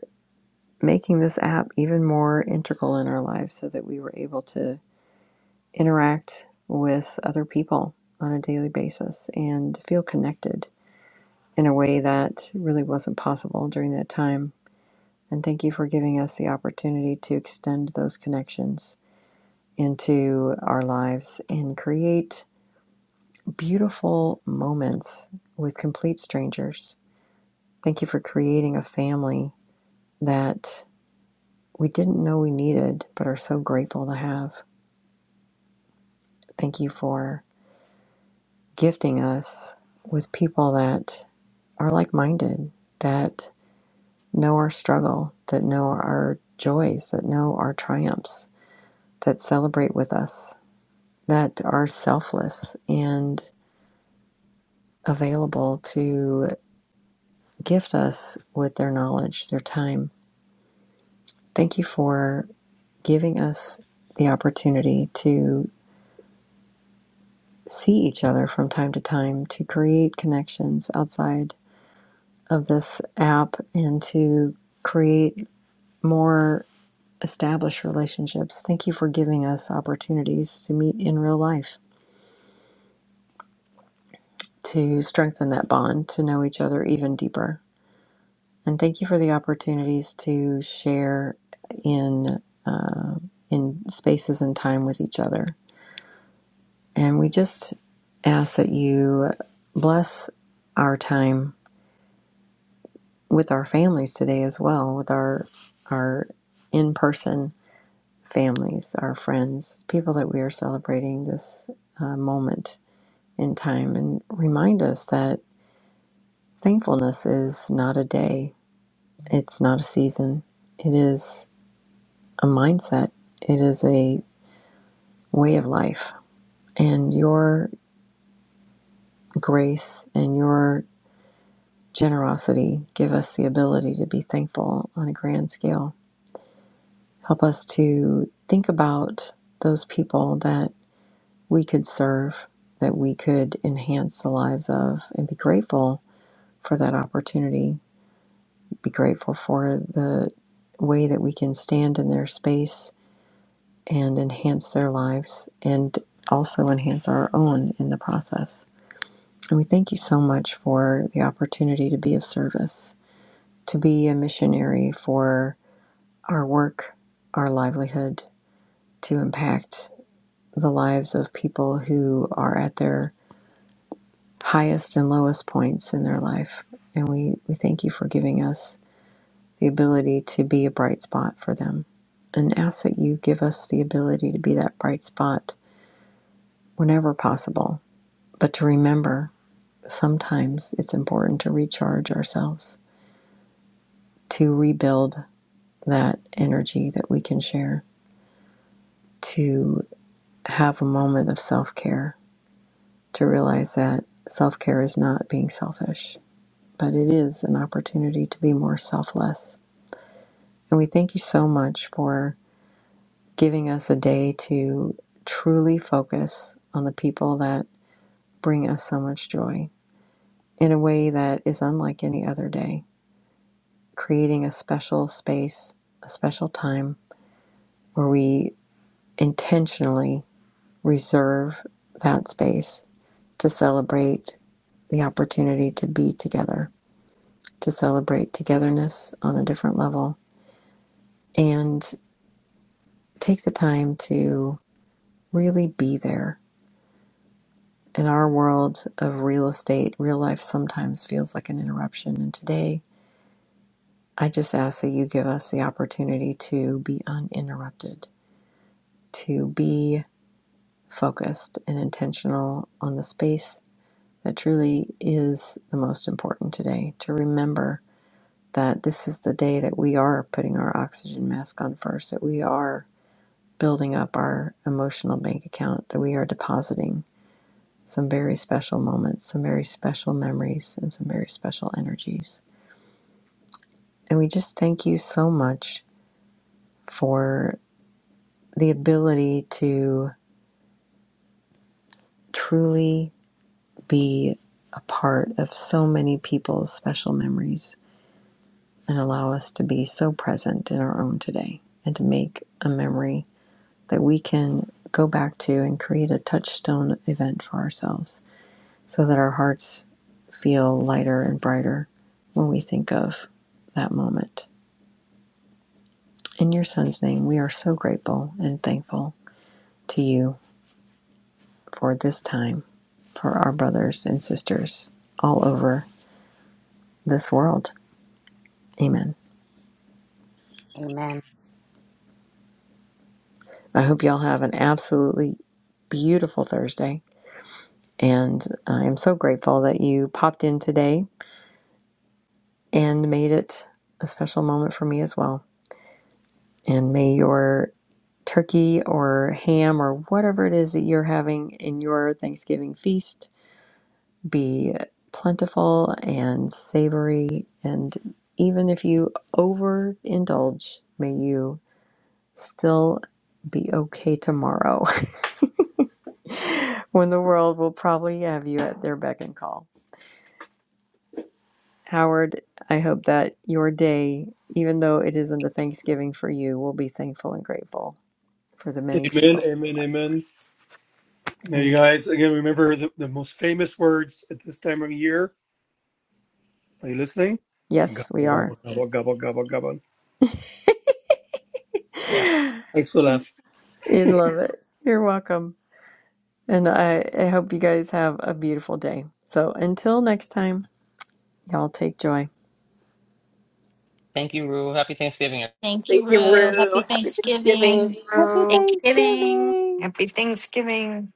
S1: making this app even more integral in our lives so that we were able to interact with other people on a daily basis and feel connected in a way that really wasn't possible during that time. And thank you for giving us the opportunity to extend those connections into our lives and create beautiful moments with complete strangers. Thank you for creating a family that we didn't know we needed, but are so grateful to have. Thank you for gifting us with people that are like minded, that know our struggle, that know our joys, that know our triumphs, that celebrate with us, that are selfless and available to gift us with their knowledge, their time. Thank you for giving us the opportunity to see each other from time to time, to create connections outside of this app and to create more established relationships. Thank you for giving us opportunities to meet in real life, to strengthen that bond, to know each other even deeper. And thank you for the opportunities to share in uh, in spaces and time with each other. And we just ask that you bless our time with our families today as well, with our our in person families, our friends, people that we are celebrating this uh, moment in time, and remind us that thankfulness is not a day, it's not a season, it is a mindset, it is a way of life. And your grace and your generosity give us the ability to be thankful on a grand scale. Help us to think about those people that. we could serve, that we could enhance the lives of, and be grateful for that opportunity, be grateful for the way that we can stand in their space and enhance their lives and also enhance our own in the process. And we thank you so much for the opportunity to be of service, to be a missionary for our work, our livelihood, to impact the lives of people who are at their highest and lowest points in their life. And we, we thank you for giving us the ability to be a bright spot for them and ask that you give us the ability to be that bright spot whenever possible. But to remember, sometimes it's important to recharge ourselves, to rebuild that energy that we can share, to have a moment of self care, to realize that self care is not being selfish, but it is an opportunity to be more selfless And we thank you so much for giving us a day to truly focus on the people that bring us so much joy in a way that is unlike any other day, creating a special space, a special time where we intentionally reserve that space to celebrate the opportunity to be together, to celebrate togetherness on a different level, and take the time to really be there in our world of real estate, real life sometimes feels like an interruption. And today, I just ask that you give us the opportunity to be uninterrupted, to be focused and intentional on the space that truly is the most important today, to remember that this is the day that we are putting our oxygen mask on first, that we are building up our emotional bank account, that we are depositing. some very special moments, some very special memories, and some very special energies. And we just thank you so much for the ability to truly be a part of so many people's special memories and allow us to be so present in our own today and to make a memory that we can go back to and create a touchstone event for ourselves so that our hearts feel lighter and brighter when we think of that moment. In your Son's name, we are so grateful and thankful to you for this time, for our brothers and sisters all over this world. Amen.
S2: Amen.
S1: I hope y'all have an absolutely beautiful Thursday. And I am so grateful that you popped in today and made it a special moment for me as well. And may your turkey or ham or whatever it is that you're having in your Thanksgiving feast be plentiful and savory. And even if you overindulge, may you still be okay tomorrow when the world will probably have you at their beck and call. Howard, I hope that your day, even though it isn't a Thanksgiving for you, will be thankful and grateful for the many
S4: Amen,
S1: people.
S4: amen, amen. Now, you
S1: Amen.
S4: guys, again, remember the, the most famous words at this time of year. Are you listening?
S1: Yes,
S4: Gobble,
S1: we are.
S4: gobble, gobble, gobble, gobble, gobble. Yeah. Thanks for laughing.
S1: You'd love it. You're welcome. And I, I hope you guys have a beautiful day. So until next time, y'all take joy.
S14: Thank you, Rue. Happy Thanksgiving.
S9: Thank
S10: Thank you, Rue. Happy
S7: Thank
S10: Thanksgiving.
S1: Happy
S7: you.
S2: Thanksgiving.
S1: Thanksgiving!
S7: Happy Thanksgiving.